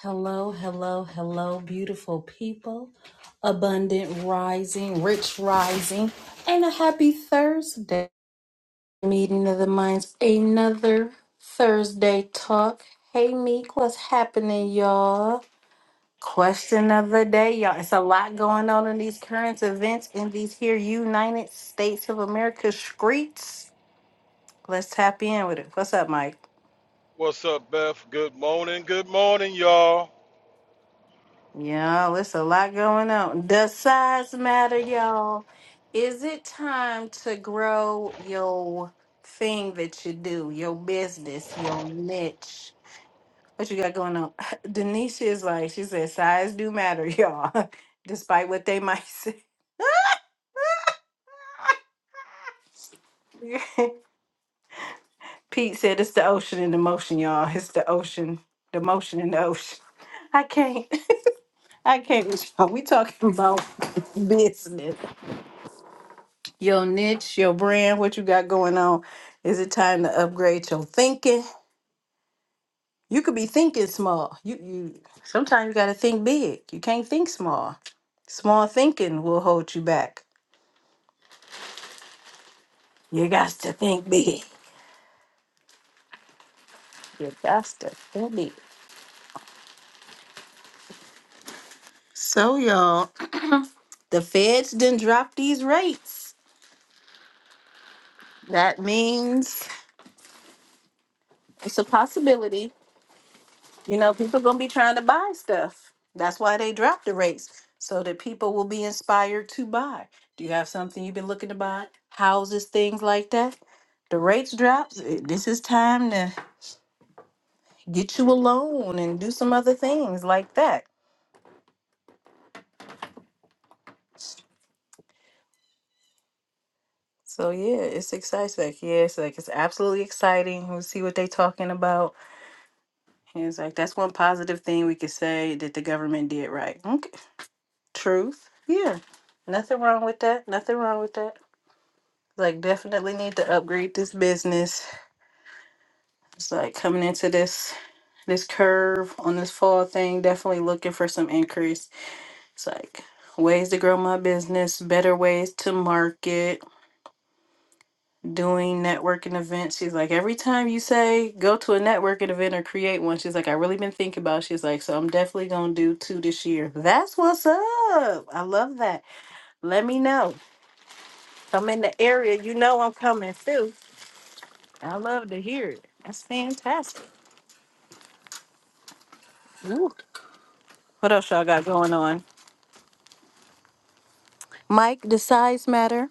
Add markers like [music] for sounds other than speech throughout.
Hello, hello, hello, beautiful people, abundant rising, rich rising, and a happy Thursday. Meeting of the minds, another Thursday talk. Hey, Meek, what's happening, y'all? Question of the day, y'all. It's a lot going on in these current events in these here United States of America streets. Let's tap in with it. What's up, Mike? What's up, Beth? Good morning. Good morning, y'all. Y'all, it's a lot going on. Does size matter, y'all? Is it time to grow your thing that you do, your business, your niche? What you got going on? [laughs] Denisha is like, she said, size do matter, y'all, [laughs] despite what they might say. [laughs] Pete said, it's the ocean in the motion, y'all. It's the ocean, the motion in the ocean. [laughs] I can't, [laughs] I can't. with y'all. We talking about [laughs] business. your niche, your brand, what you got going on. Is it time to upgrade your thinking? You could be thinking small. You you sometimes you gotta think big. You can't think small. Small thinking will hold you back. You got to think big. You got to think big. So y'all, the feds didn't drop these rates. That means it's a possibility You know, people gonna be trying to buy stuff. That's why they drop the rates so that people will be inspired to buy. Do you have something you've been looking to buy? Houses, things like that. The rates drops. eh, This is time to get you a loan and do some other things like that. So yeah, it's exciting. Yeah, it's like it's absolutely exciting. We'll see what they talking about. And it's like that's one positive thing we could say that the government did right. Okay. Truth. Yeah. Nothing wrong with that. Nothing wrong with that. Like definitely need to upgrade this business. It's like coming into this this curve on this fall thing, definitely looking for some increase. It's like ways to grow my business, better ways to market, doing networking events. She's like, every time you say go to a networking event or create one, she's like, I really been thinking about. it." She's like, so I'm definitely gonna do two this year. That's what's up. I love that. Let me know. If I'm in the area, you know I'm coming too. I love to hear it. That's fantastic. Ooh, What else y'all got going on? Mike, the size matter.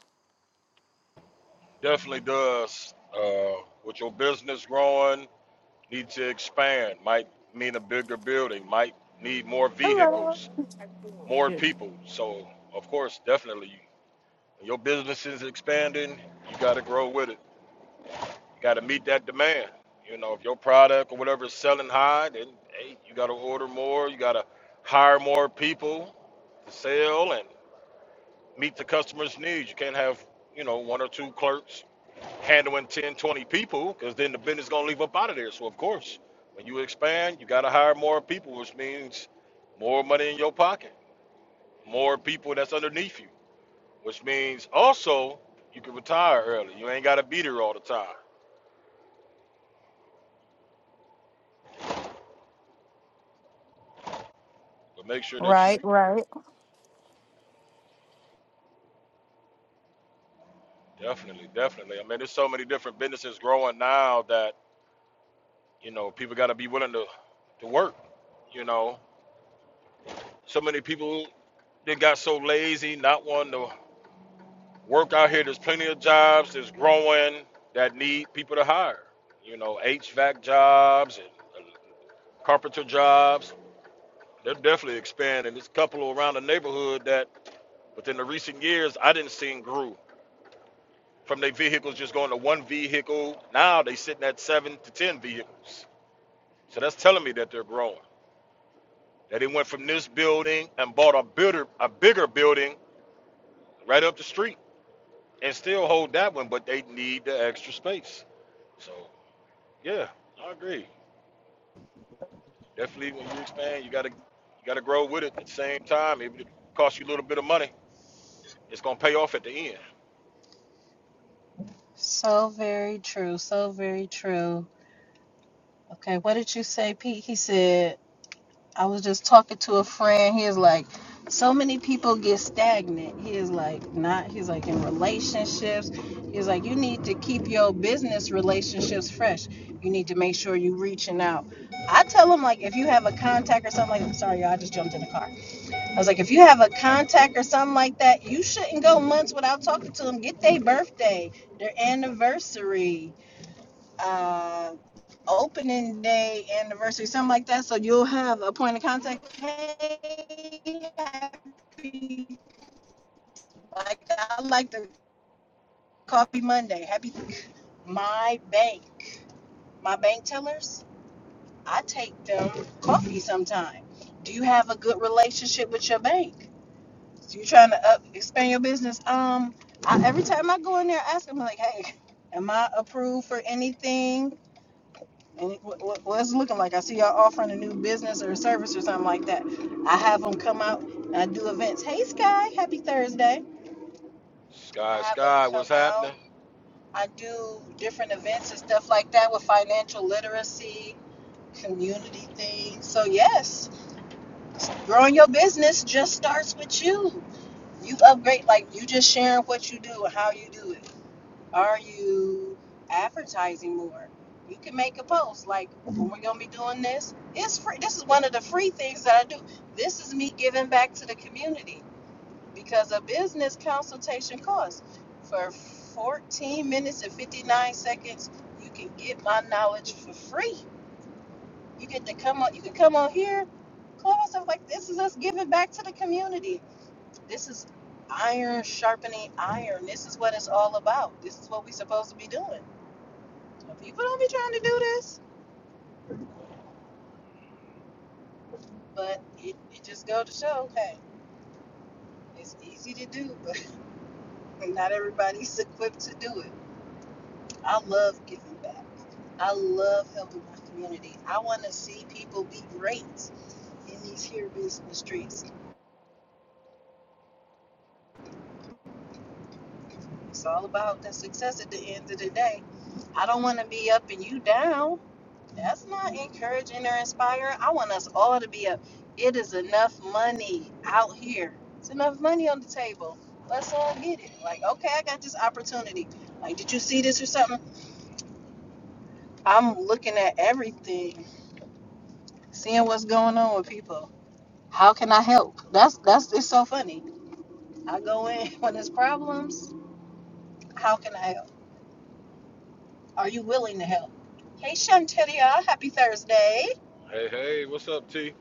Definitely does. Uh, with your business growing, need to expand. Might mean a bigger building. Might need more Hello. vehicles, more Good. people. So, of course, definitely, when your business is expanding, you got to grow with it. You got to meet that demand. You know, if your product or whatever is selling high, then hey, you got to order more. You got to hire more people to sell meet the customer's needs. You can't have, you know, one or two clerks handling 10, 20 people because then the business is going to leave up out of there. So, of course, when you expand, you got to hire more people, which means more money in your pocket, more people that's underneath you, which means also you can retire early. You ain't got to be there all the time. But make sure that you Right, right. definitely, definitely. I mean, there's so many different businesses growing now that, you know, people got to be willing to, to work, you know. So many people They got so lazy, not wanting to work out here. There's plenty of jobs that's growing that need people to hire. You know, HVAC jobs and carpenter jobs. They're definitely expanding. There's a couple around the neighborhood that within the recent years I didn't see grew from their vehicles just going to one vehicle. Now they sitting at seven to ten vehicles. So that's telling me that they're growing. That they went from this building and bought a bigger a bigger building right up the street and still hold that one, but they need the extra space. So yeah, I agree. Definitely, when you expand, you gotta you gotta grow with it. At the same time, even if it costs you a little bit of money, it's gonna pay off at the end. So very true. So very true. Okay, what did you say, Pete? He said, I was just talking to a friend. He is like, so many people get stagnant. He is like, not, he's like, in relationships. He's like, you need to keep your business relationships fresh. You need to make sure you reaching out. I tell him, like, if you have a contact or something like I'm sorry, y'all, I just jumped in the car. I was like, if you have a contact or something like that, you shouldn't go months without talking to them. Get their birthday, their anniversary, uh, opening day anniversary, something like that. So you'll have a point of contact. Hey, happy, like I like the coffee Monday. Happy my bank. My bank tellers, I take them coffee sometime. Do you have a good relationship with your bank? So you trying to up, expand your business? Um, I, every time I go in there, I ask them like, "Hey, am I approved for anything?" And what, what, what's it looking like? I see y'all offering a new business or a service or something like that. I have them come out and I do events. Hey, Sky, happy Thursday! I Sky, have them sky, come what's happening? out. I do different events and stuff like that with financial literacy, community things. So yes, growing your business just starts with you. You upgrade like you just sharing what you do and how you do it. Are you advertising more? You can make a post like when we're gonna be doing this. It's free. This is one of the free things that I do. This is me giving back to the community because a business consultation costs for 14 minutes and 59 seconds. You can get my knowledge for free. You get to come on. You can come on here. Clubhouse. I'm like, this is us giving back to the community. This is iron sharpening iron. This is what it's all about. This is what we're supposed to be doing people don't be trying to do this, but it, it just go to show, hey, it's easy to do, but [laughs] not everybody's equipped to do it. I love giving back. I love helping my community. I want to see people be great in these here business streets. It's all about the success at the end of the day. I don't want to be up and you down. That's not encouraging or inspiring. I want us all to be up. It is enough money out here. It's enough money on the table. Let's all get it. Like, okay, I got this opportunity. Like, did you see this or something? I'm looking at everything, seeing what's going on with people. How can I help? That's that's it's so funny. I go in [laughs] when there's problems. How can I help? Are you willing to help? Hey, Shanteria, happy Thursday. Hey, hey, what's up, T?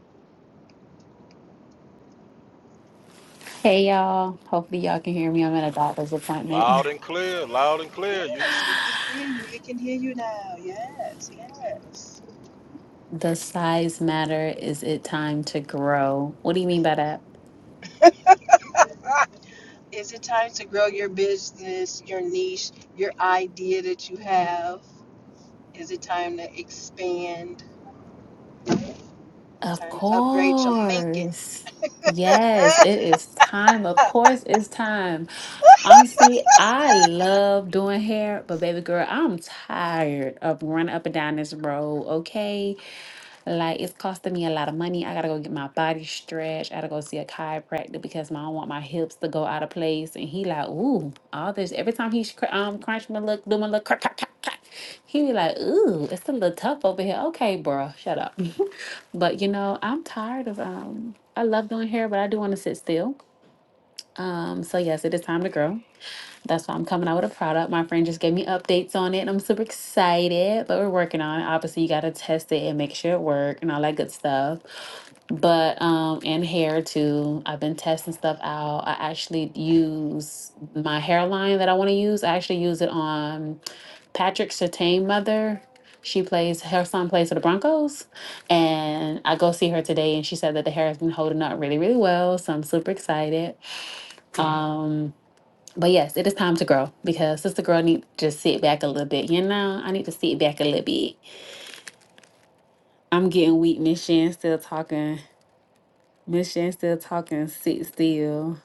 Hey y'all, hopefully y'all can hear me. I'm at a doctor's appointment. Loud and clear, loud and clear. You, Yes, we can hear you. We can hear you now. Yes, yes. [laughs] Does size matter? Is it time to grow? What do you mean by that? Ah, is it time to grow your business, your niche, your idea that you have? Is it time to expand? Is it Of time to upgrade your thinking? course. Yes, it is time. Of course, it's time. Honestly, I love doing hair, but baby girl, I'm tired of running up and down this road, okay? Like it's costing me a lot of money. I gotta go get my body stretched. I gotta go see a chiropractor because my, I don't want my hips to go out of place. And he like, ooh, all this. Every time he sh- cr- um crunch my look, do my look, crack, crack, crack, crack. He be like, ooh, it's a little tough over here. Okay, bro, shut up. [laughs] but you know, I'm tired of um. I love doing hair, but I do want to sit still. Um. So yes, it is time to grow. That's why I'm coming out with a product. My friend just gave me updates on it and I'm super excited, but we're working on it. Obviously, you got to test it and make sure it works and all that good stuff. But, um, and hair too. I've been testing stuff out. I actually use my hairline that I want to use. I actually use it on Patrick Sertain mother. She plays, her son plays for the Broncos. And I go see her today and she said that the hair has been holding up really, really well. So I'm super excited. Um. But yes, it is time to grow because sister girl need to just sit back a little bit. You know, I need to sit back a little bit. I'm getting weak. Miss Shan still talking. Miss Shan still talking. Sit still.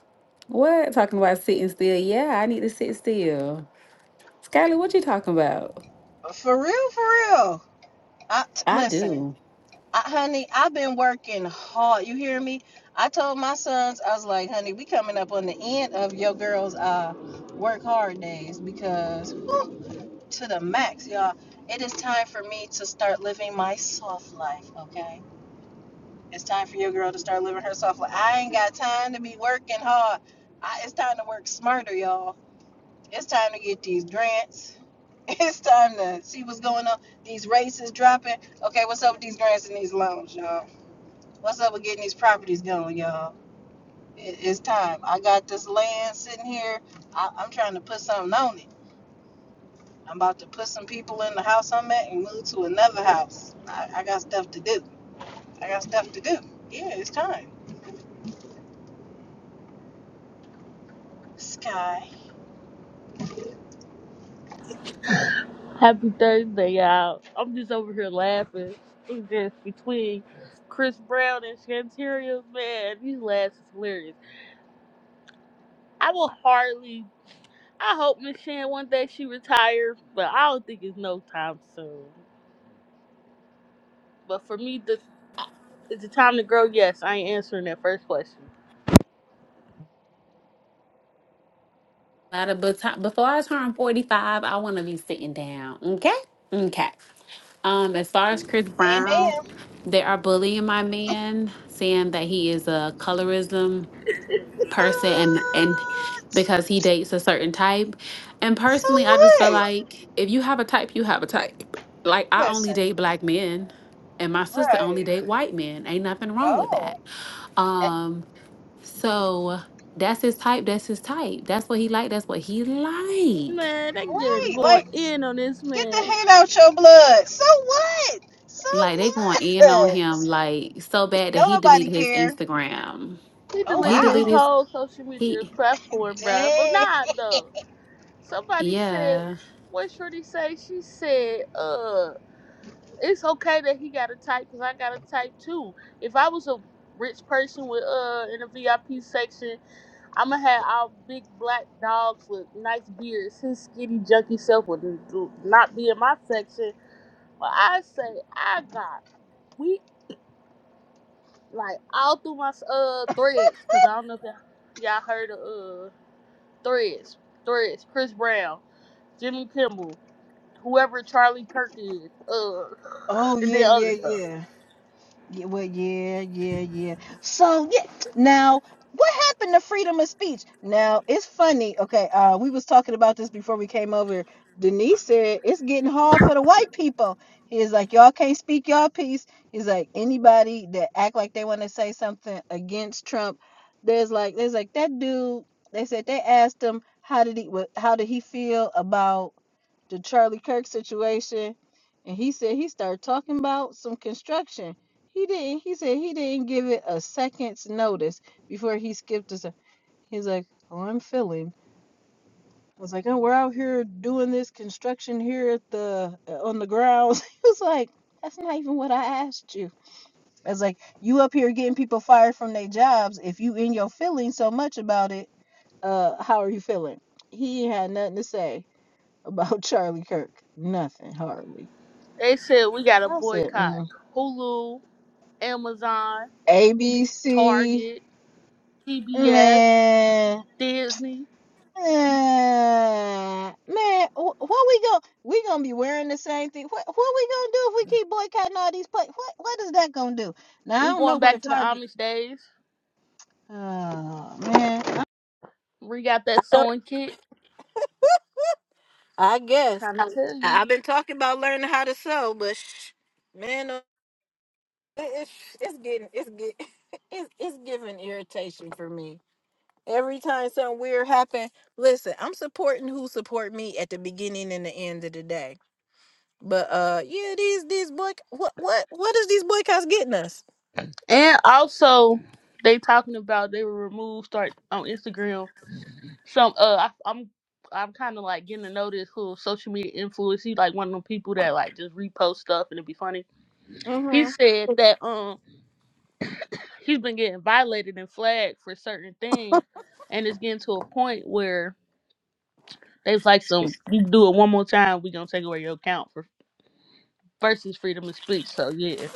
What? Talking about sitting still? Yeah, I need to sit still. Skylar, what you talking about? For real, for real. I, t- I listen, do. I, honey, I've been working hard. You hear me? I told my sons, I was like, honey, we coming up on the end of your girls' uh, work hard days because whew, to the max, y'all. It is time for me to start living my soft life, okay? It's time for your girl to start living herself. Like, I ain't got time to be working hard. I, it's time to work smarter, y'all. It's time to get these grants. [laughs] It's time to see what's going on. These rates is dropping. Okay, what's up with these grants and these loans, y'all? What's up with getting these properties going, y'all? It, it's time. I got this land sitting here. I, I'm trying to put something on it. I'm about to put some people in the house I'm at and move to another house. I, I got stuff to do. I got stuff to do. Yeah, it's time. Sky. Happy Thursday, y'all. I'm just over here laughing. It's just between Chris Brown and Shantaria, man, these laughs is hilarious. I will hardly, I hope Miss Shan one day she retires, but I don't think it's no time soon. But for me, the, it's the time to grow. Yes, I ain't answering that first question. By the bu- ti- Before I turn 45, I want to be sitting down. Okay? Okay. Um, as far as Chris Brown, Amen. they are bullying my man, saying that he is a colorism person and and What? because he dates a certain type. And So personally, I just feel what? like if you have a type, you have a type. Like I only Listen, date black men and my sister only right. date white men. Ain't nothing wrong with that. Oh, eh, Um so that's his type, that's his type. That's what he like, that's what he like. Man, they getting right. going Like, in on this get the man. hate out your blood. So what? So Like they going in on him what? like so bad that Don't he nobody deleted his care. Instagram. He Oh, He deleted deleted his wow. his whole social media he platform, bruh. But Dang. nah, though. Somebody said, yeah. what Shorty say? She said, uh, it's okay that he got a type because I got a type too. If I was a rich person with uh in the VIP section, I'ma have our big black dogs with nice beards. His skinny junky self would n- do- not be in my section. But I say I got we like all through my uh threads because I don't know if y'all y'all heard of uh threads threads Chris Brown Jimmy Kimmel whoever Charlie Kirk is, uh, Oh, and yeah, then other yeah, stuff. yeah. Yeah, well, yeah, yeah, yeah. So yeah, now what happened to freedom of speech? Now it's funny. Okay, uh, we was talking about this before we came over. Denise said it's getting hard for the white people. He's like, y'all can't speak y'all piece. He's like, anybody that act like they want to say something against Trump, there's like, there's like that dude. They said they asked him how did he, what, how did he feel about the Charlie Kirk situation, and he said he started talking about some construction. He didn't. He said he didn't give it a second's notice before he skipped us. He's like, "Oh, I'm feeling." I was like, "Oh, we're out here doing this construction here at the uh, on the grounds." [laughs] He was like, "That's not even what I asked you." I was like, "You up here getting people fired from their jobs? If you in your feelings so much about it, uh, how are you feeling?" He had nothing to say about Charlie Kirk. Nothing, hardly. They said we got to I said, boycott mm. Hulu, Amazon, ABC, Target, CBS, man, Disney. eh, man, wh- what we going we gonna be wearing the same thing? What what we gonna do if we keep boycotting all these places? What what is that gonna do? Now I We don't know going where back to the Target. Amish days. Oh man, I We got that sewing kit. I guess Trying to tell you. I, man, uh, it- it's it's getting it's get [laughs] it's it's giving irritation for me. Every time something weird happen, listen, I'm supporting who support me at the beginning and the end of the day. But uh yeah, these these boy what what what is these boycotts getting us? And also, they talking about they were removed start on Instagram. Some uh, I, I'm I'm kind of like getting to know this who social media influence. He's like one of them people that like just repost stuff and it'd be funny. He said that um he's been getting violated and flagged for certain things, and it's getting to a point where they've like some. You do it one more time, we gonna take away your account for versus freedom of speech. So yeah.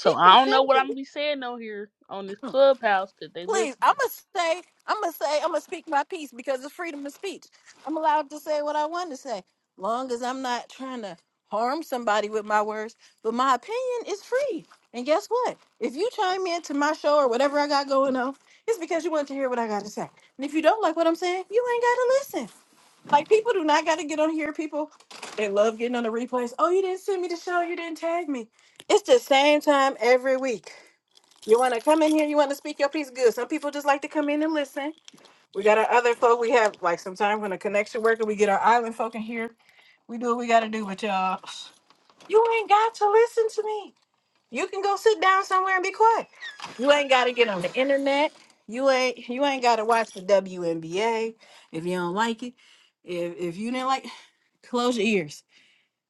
Peace I don't know what I'm gonna be saying on here on this clubhouse because they listen. say I'ma say I'ma speak my piece because it's freedom of speech. I'm allowed to say what I want to say. Long as I'm not trying to harm somebody with my words, but my opinion is free. And guess what? If you chime in to my show or whatever I got going on, it's because you want to hear what I gotta say. And if you don't like what I'm saying, you ain't gotta listen. Like people do not got to get on here. People they love getting on the replays. Oh, you didn't send me the show. You didn't tag me. It's the same time every week. You want to come in here. You want to speak your piece. Good. Some people just like to come in and listen. We got our other folk. We have like sometimes when a connection worker, we get our island folk in here. We do what we got to do. But y'all, you ain't got to listen to me. You can go sit down somewhere and be quiet. You ain't gotta get on the internet. You ain't you ain't gotta watch the WNBA if you don't like it. If if you didn't like, close your ears.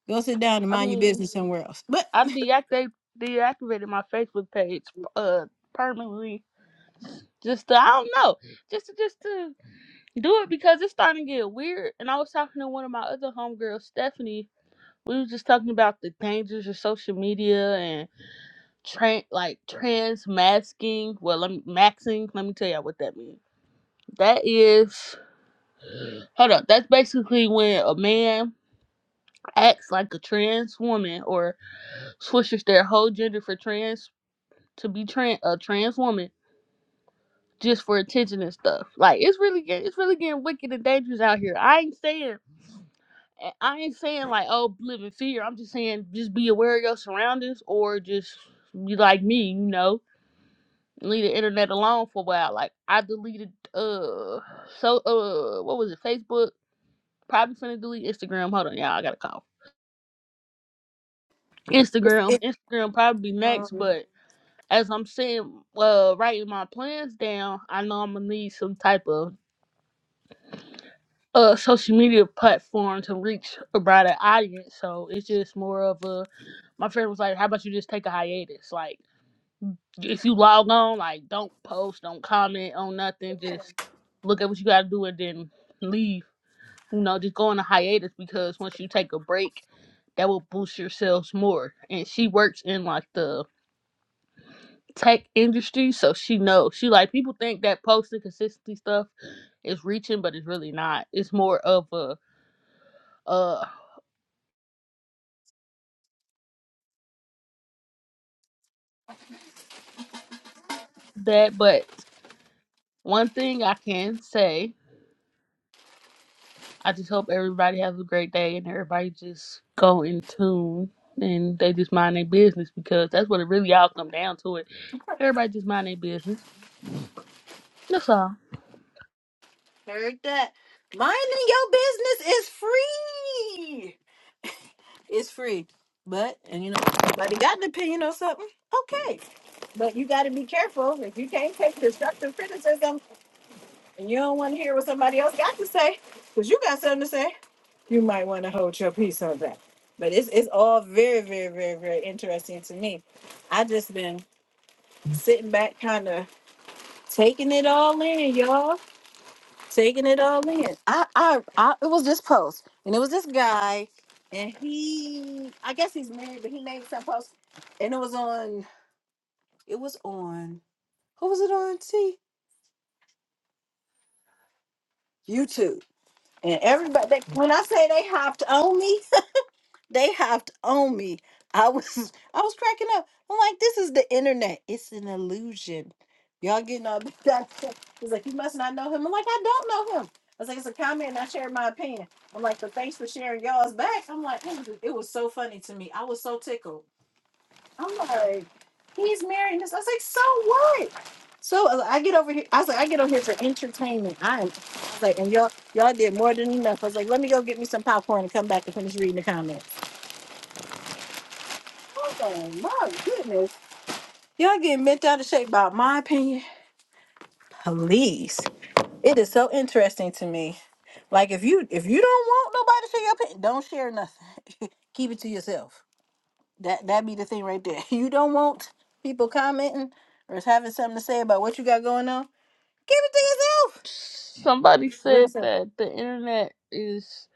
Go sit down and I mind your mean, business somewhere else. But I [laughs] deactivate deactivated my Facebook page uh permanently. Just to, I don't know, just to, just to do it because it's starting to get weird. And I was talking to one of my other homegirls, Stephanie, We were just talking about the dangers of social media and tran like trans masking. Well, let me maxing. Let me tell y'all what that means. That is, hold up. That's basically when a man acts like a trans woman or switches their whole gender for trans to be trans a trans woman just for attention and stuff. Like it's really get- it's really getting wicked and dangerous out here. I ain't saying I I ain't saying like oh live in fear. I'm just saying just be aware of your surroundings or just be like me, you know, leave the internet alone for a while. Like I deleted uh so uh what was it Facebook? Probably finna delete Instagram. Hold on, y'all. I gotta call Instagram. Instagram probably be next, but as I'm saying, uh, writing my plans down, I know I'm gonna need some type of uh social media platform to reach a broader audience. So it's just more of a my friend was like, How about you just take a hiatus? Like if you log on, like don't post, don't comment on nothing, just look at what you gotta do and then leave. You know, just go on a hiatus because once you take a break, that will boost your sales more. And she works in like the tech industry, so she knows. She like people think that posting consistently stuff is reaching, but it's really not. It's more of a uh that, but one thing I can say, I just hope everybody has a great day and everybody just go in tune and they just mind their business because that's what it really all come down to it. Everybody just mind their business. That's all. heard that minding your business is free. It's free. But and you know, everybody got an opinion or something. Okay. But you got to be careful if you can't take constructive criticism and you don't want to hear what somebody else got to say because you got something to say. you might want to hold your peace on that. But it's it's all very, very, very, very interesting to me. I just been sitting back, kind of taking it all in, y'all, taking it all in. I, I, I, it was this post, and it was this guy, and he, I guess he's married, but he made some post, and it was on, it was on, who was it on? See, YouTube, and everybody. They, when I say they hopped on me, They hopped on me. I was [laughs] I was cracking up. I'm like, this is the internet. It's an illusion. Y'all getting all [laughs] bent out. He's like, you must not know him. I'm like, I don't know him. I was like, it's a comment and I shared my opinion. I'm like, but thanks for sharing y'all's back. I'm like, it was, it was so funny to me. I was so tickled. I'm like, he's marrying this. I was like, so what? So I was like, I get over here. I was like, I get over here for entertainment. I am I was like, and y'all y'all did more than enough. I was like, let me go get me some popcorn and come back and finish reading the comments. Oh my goodness. Y'all getting bent out of shape by my opinion. Please. It is so interesting to me. Like if you if you don't want nobody to share your opinion, don't share nothing. [laughs] Keep it to yourself. That that be the thing right there. [laughs] You don't want people commenting or having something to say about what you got going on. Keep it to yourself. Somebody Real said simple. that the internet is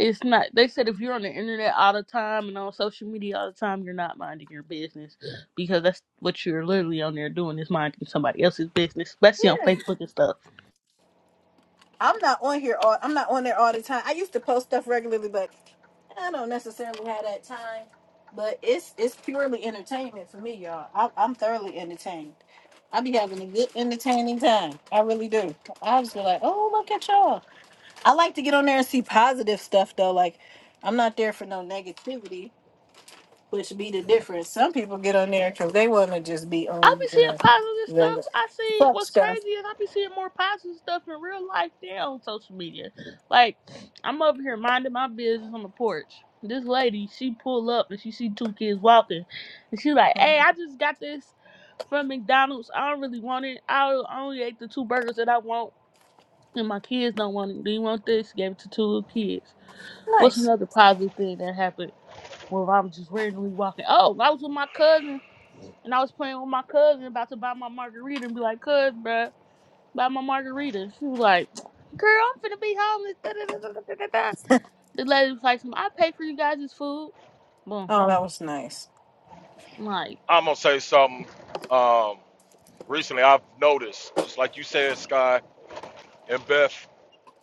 it's not they said if you're on the internet all the time and on social media all the time you're not minding your business because that's what you're literally on there doing is minding somebody else's business especially on facebook and stuff I'm not on here all I'm not on there all the time. I used to post stuff regularly, but I don't necessarily have that time. But it's it's purely entertainment for me, y'all. I, I'm thoroughly entertained. I be having a good entertaining time. I really do. I just be like, oh look at y'all. I like to get on there and see positive stuff though. Like I'm not there for no negativity, which be the difference. Some people get on there because they want to just be I be on seeing the positive stuff. the I see fuck what's stuff. crazy is I be seeing more positive stuff in real life than on social media. Like I'm over here minding my business on the porch. This lady, she pull up and she see two kids walking, and she like, "Hey, I just got this from McDonald's. I don't really want it. I only ate the two burgers that I want, and my kids don't want it. Do you want this?" She gave it to two little kids. What's another positive thing that happened when I'm just randomly walking? Oh, I was with my cousin. And I was playing with my cousin about to buy my margarita and be like, cuz, bruh, buy my margarita. She was like, girl, I'm finna be homeless. Da, da, da, da, da, da, da. The lady was like, I pay for you guys' food. Boom. Oh, that was nice. I'm Like, I'm gonna say something. Um, recently, I've noticed, just like you said, Sky and Beth,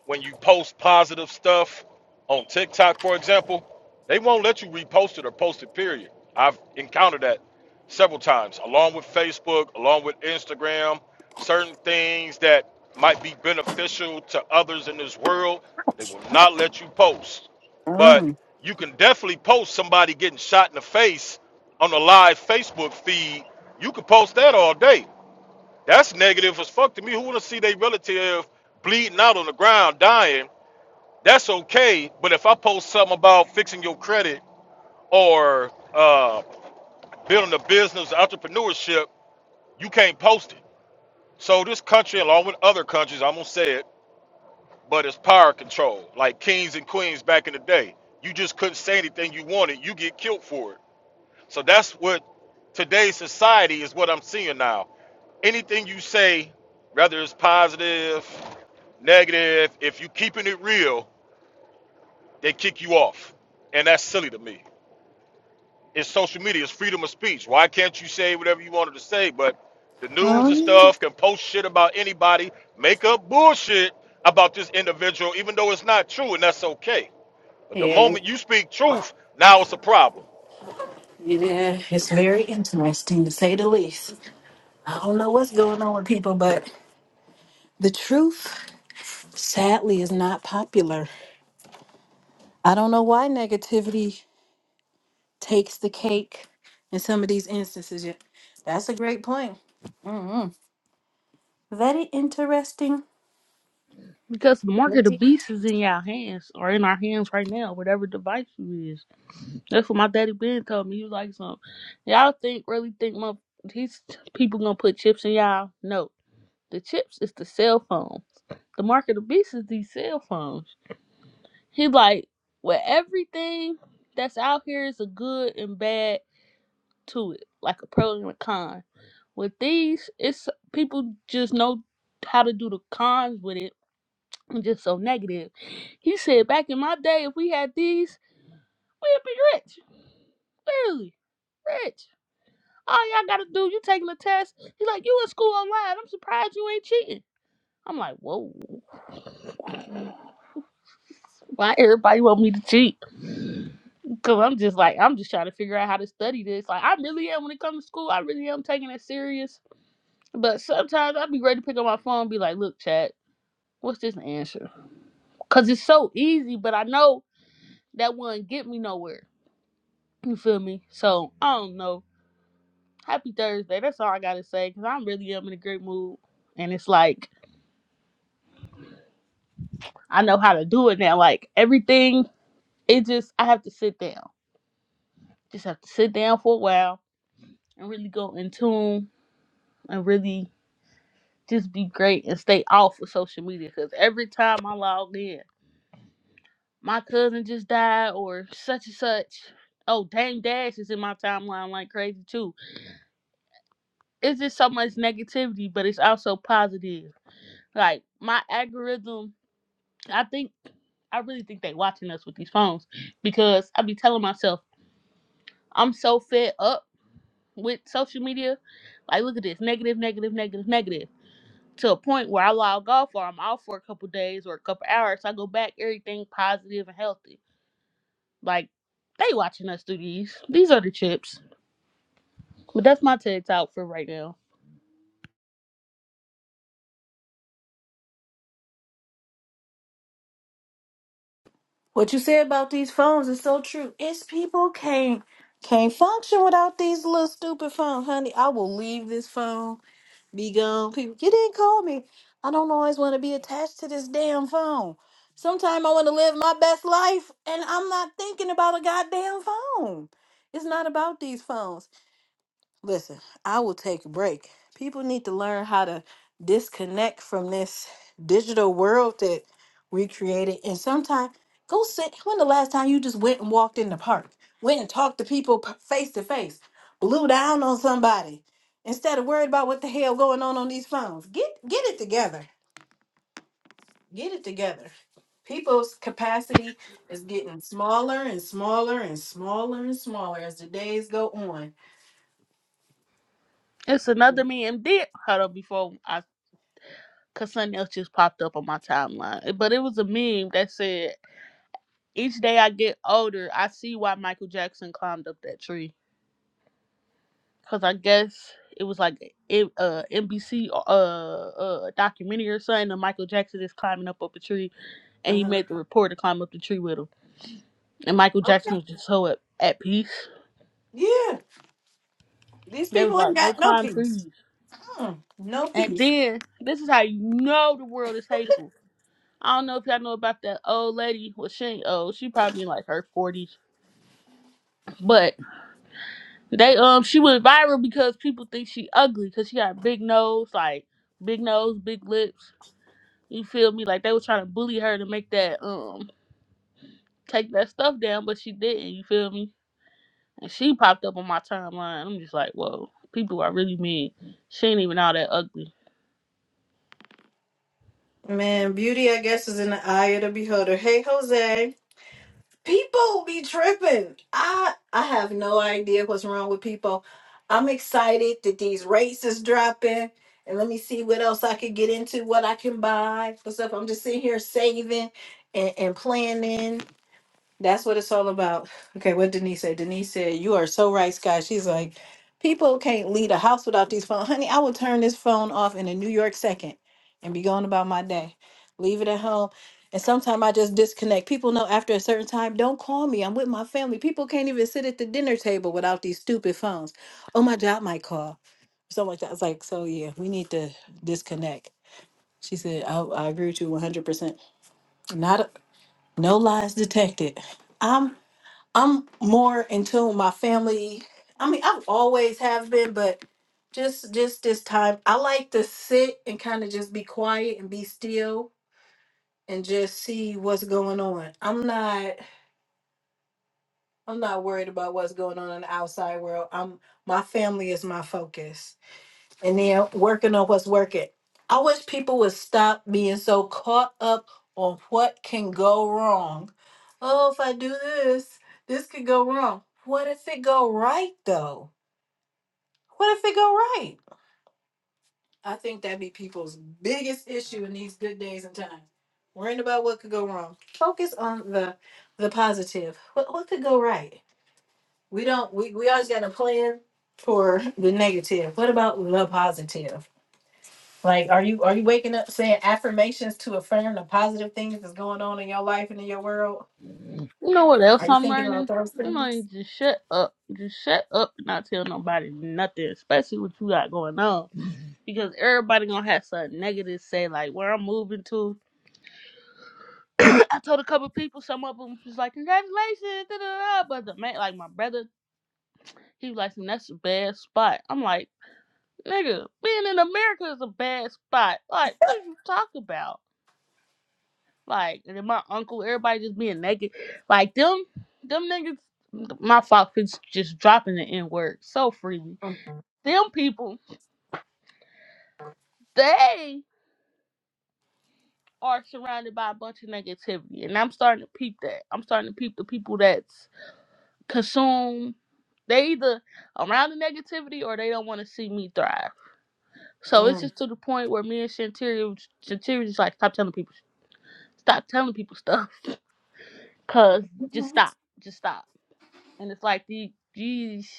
when you post positive stuff on TikTok, for example, they won't let you repost it or post it, period. I've encountered that several times, along with Facebook, along with Instagram, certain things that might be beneficial to others in this world, they will not let you post. But Mm. you can definitely post somebody getting shot in the face on a live Facebook feed. You can post that all day. That's negative as fuck to me. Who wanna see their relative bleeding out on the ground, dying? That's okay. But if I post something about fixing your credit or uh, building a business, entrepreneurship, you can't post it. So this country, along with other countries, I'm gonna say it, but it's power control, like kings and queens back in the day. You just couldn't say anything you wanted. You get killed for it. So that's what today's society is. What I'm seeing now. Anything you say, whether it's positive, negative, if you keeping it real, they kick you off. And that's silly to me. It's social media, it's freedom of speech. Why can't you say whatever you wanted to say? But the news and stuff can post shit about anybody, make up bullshit about this individual, even though it's not true, and that's okay. But the Yeah. moment you speak truth, now it's a problem. Yeah, it's very interesting to say the least. I don't know what's going on with people, but the truth, sadly, is not popular. I don't know why negativity takes the cake in some of these instances. Yeah, That's a great point. Mhm. Very interesting. because the mark of the beast is in y'all hands or in our hands right now, whatever device you is. That's what my daddy Ben told me. He was like, "Some y'all think really think my these people gonna put chips in y'all? No, the chips is the cell phones. The mark of the beast is these cell phones. He like, well, everything that's out here is a good and bad to it, like a pro and a con. With these, it's people just know how to do the cons with it, and just so negative. He said, back in my day, if we had these, we'd be rich, literally rich. All y'all gotta do, you taking a test. He's like, you in school online. I'm surprised you ain't cheating. I'm like, whoa. Why everybody want me to cheat? Cause I'm just like I'm just trying to figure out how to study this. Like I really am when it comes to school. I really am taking it serious. But sometimes I'd be ready to pick up my phone and be like, "Look, chat, what's this answer?" Cause it's so easy, but I know that wouldn't get me nowhere. You feel me? So I don't know. Happy Thursday. That's all I gotta say. Cause I'm really am in a great mood, and it's like I know how to do it now. Like everything, it just I have to sit down. Just have to sit down for a while and really go in tune and really just be great and stay off of social media because every time I log in, my cousin just died or such and such. Oh, dang, Dash is in my timeline like crazy too. It's just so much negativity, but it's also positive. Like my algorithm, I think I really think they watching us with these phones because I be telling myself I'm so fed up with social media. Like, look at this negative, negative, negative, negative. to a point where I log off or I'm off for a couple days or a couple hours. so I go back, everything positive and healthy. Like they watching us do these. These are the chips. But that's my TED talk for right now. What you said about these phones is so true. It's people can't can't function without these little stupid phones, honey. I will leave this phone. Be gone, people. You didn't call me. I don't always want to be attached to this damn phone. Sometimes I want to live my best life and I'm not thinking about a goddamn phone. It's not about these phones. Listen, I will take a break. People need to learn how to disconnect from this digital world that we created. And sometimes go sit. When the last time you just went and walked in the park, went and talked to people p- face to face, blew down on somebody instead of worried about what the hell going on on these phones. Get get it together. Get it together. People's capacity is getting smaller and smaller and smaller and smaller as the days go on. It's another meme. Did hold on before I cause something else just popped up on my timeline. Eh, But it was a meme that said, Each day I get older, I see why Michael Jackson climbed up that tree. Cause I guess it was like it, uh NBC uh uh documentary or something and Michael Jackson is climbing up up a tree and Uh he huh. made the reporter climb up the tree with him. And Michael Okay. Jackson was just so at, at peace. Yeah. These They was people ain't like, go got no climb peace. trees. Mm, no And peace. then this is how you know the world is hateful. I don't know if y'all know about that old lady. Well, she ain't old. She probably in like her forties. But they um she went viral because people think she ugly because she got a big nose, like big nose, big lips. You feel me? Like they was trying to bully her to make that um take that stuff down, but she didn't. You feel me? And she popped up on my timeline. I'm just like, whoa, people are really mean. She ain't even all that ugly. Man, beauty, I guess, is in the eye of the beholder. Hey, Jose. People be tripping. I I have no idea what's wrong with people. I'm excited that these rates is dropping. And let me see what else I could get into, what I can buy, what's up. I'm just sitting here saving and, and planning That's what it's all about. Okay, what Denise said. Denise said, You are so right, Scott. She's like, People can't leave a house without these phones. Honey, I will turn this phone off in a New York second and be going about my day. Leave it at home. And sometimes I just disconnect. People know after a certain time, don't call me. I'm with my family. People can't even sit at the dinner table without these stupid phones. Oh, my job might call. Something like that. I was like, so yeah, we need to disconnect. She said, I, I agree with you 100%. Not, a- no lies detected. I'm. I'm more in tune with my family. I mean, I've always have been, but just just this time, I like to sit and kind of just be quiet and be still and just see what's going on. I'm not I'm not worried about what's going on in the outside world. I'm my family is my focus and then working on what's working. I wish people would stop being so caught up on what can go wrong. Oh, if I do this, this could go wrong. What if it go right though? What if it go right? I think that'd be people's biggest issue in these good days and times. Worrying about what could go wrong. Focus on the the positive. What what could go right? We don't we, we always got a plan for the negative. What about the positive? Like, are you are you waking up saying affirmations to affirm the positive things that's going on in your life and in your world? You know what else Are you I'm thinking about learning? those You know, things? you just shut up. Just shut up and not tell nobody nothing, especially what you got going on. Because everybody gonna have something negative to say, like where I'm moving to. I told a couple people, some of them was like, congratulations, da da da. But the man, like my brother, he was like, that's a bad spot. I'm like, nigga, being in America is a bad spot. Like, what are you talking about? Like, and then my uncle, everybody just being naked. Like them, them niggas. My fox is just dropping the n word so freely. Them people, they are surrounded by a bunch of negativity, and I'm starting to peep that. I'm starting to peep the people that's consume. They either around the negativity or they don't want to see me thrive. So it's Mm. just to the point where me and Shantira, Shantira just like stop telling people, stop telling people stuff, cause just stop, just stop. And it's like these, these.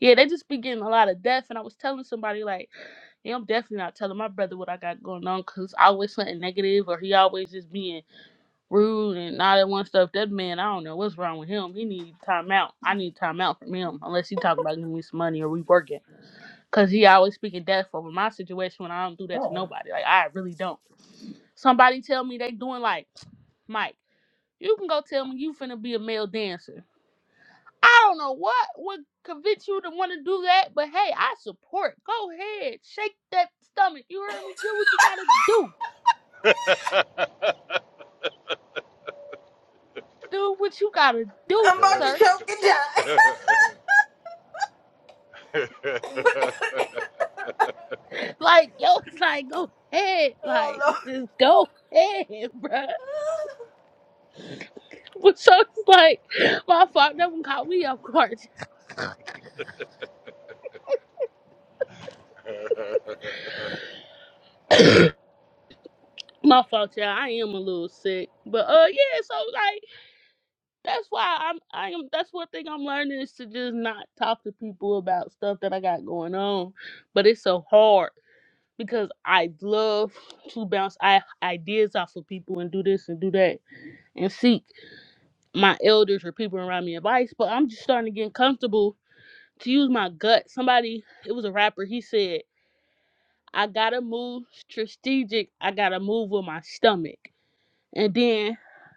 Yeah, they just be getting a lot of death. And I was telling somebody, like, yeah, I'm definitely not telling my brother what I got going on because always something negative or he always just being rude and all that one stuff. That man, I don't know what's wrong with him. He need time out. I need time out from him unless he talking about giving me some money or we working. Because he always speaking death over my situation when I don't do that to Oh. nobody. Like, I really don't. Somebody tell me they doing like, Mike, you can go tell me you finna be a male dancer. I don't know what would convince you to want to do that, but hey, I support. Go ahead, shake that stomach. You heard me. Do what you gotta do. Do what you gotta [laughs] do, I'm about to sir. choke and die. [laughs] Like yo, [laughs] it's like go ahead, Oh like Lord. just go ahead, [laughs] bruh. But so it's like my fault. That one caught me off guard. My fault, y'all. I am a little sick, but uh, yeah. So like that's why I'm. I am. That's one thing I'm learning is to just not talk to people about stuff that I got going on but it's so hard. because I love to bounce I, ideas off of people and do this and do that and seek my elders or people around me advice. But I'm just starting to get comfortable to use my gut. Somebody, it was a rapper, he said, I gotta move strategic, I gotta move with my stomach. And then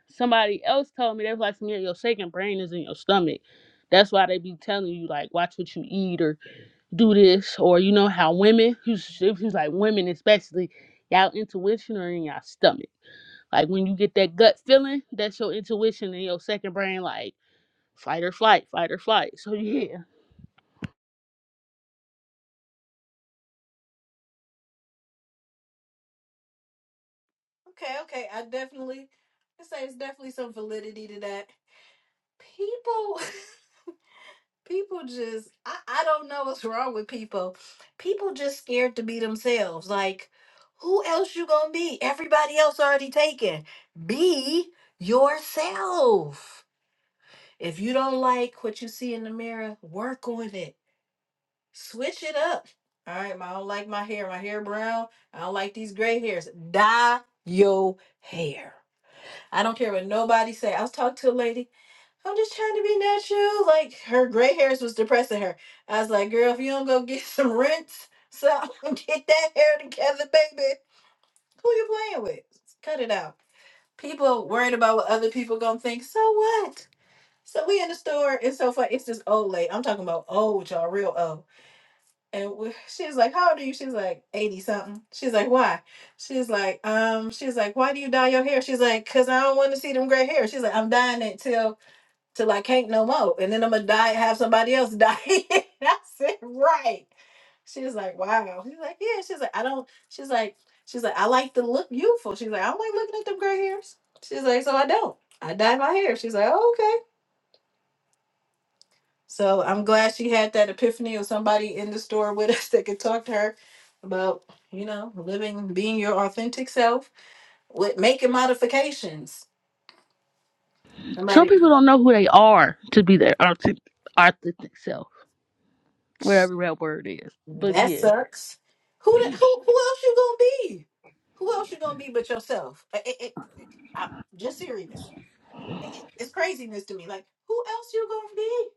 somebody else told me, they was like, yeah, your second brain is in your stomach. That's why they be telling you, like, watch what you eat or do this or you know how women who's who's like women especially y'all intuition or in y'all stomach like when you get that gut feeling that's your intuition and your second brain like fight or flight fight or flight so yeah Okay, okay. I definitely I say it's definitely some validity to that. People [laughs] people just I, I don't know what's wrong with people people just scared to be themselves like who else you gonna be everybody else already taken be yourself if you don't like what you see in the mirror work on it switch it up all right i don't like my hair my hair brown i don't like these gray hairs dye your hair I don't care what nobody say. I was talking to a lady. I'm just trying to be natural. Like her gray hairs was depressing her. I was like, girl, if you don't go get [laughs] some rinse, so [laughs] get that hair together, baby. Who you playing with? Cut it out. People worried about what other people gonna think. So what? So we in the store. and so funny. It's this old lady. I'm talking about old y'all, real old. And we, she's like, "How old are you?" She's like, "80 something." She's like, "Why?" She's like, "Um." She's like, "Why do you dye your hair?" She's like, "Cause I don't want to see them gray hair." She's like, "I'm dyeing it till till I can't no more, and then I'm gonna dye it, have somebody else dye it." [laughs] I said, "Right." She's like, "Wow." She's like, "Yeah." She's like, "I don't." She's like, "She's like, I like to look youthful." She's like, "I don't like looking at them gray hairs." She's like, "So I don't. I dye my hair." She's like, "Oh, "Okay." So I'm glad she had that epiphany or somebody in the store with us [laughs] that could talk to her about, you know, living, being your authentic self with making modifications. some Somebody people don't know who they are to be their authentic, authentic self whatever that word is but that yeah sucks. Who the, who who else you gonna be? Who else you gonna be but yourself? I- I- I- I- just serious. I- I- It's craziness to me. Like who else you gonna be?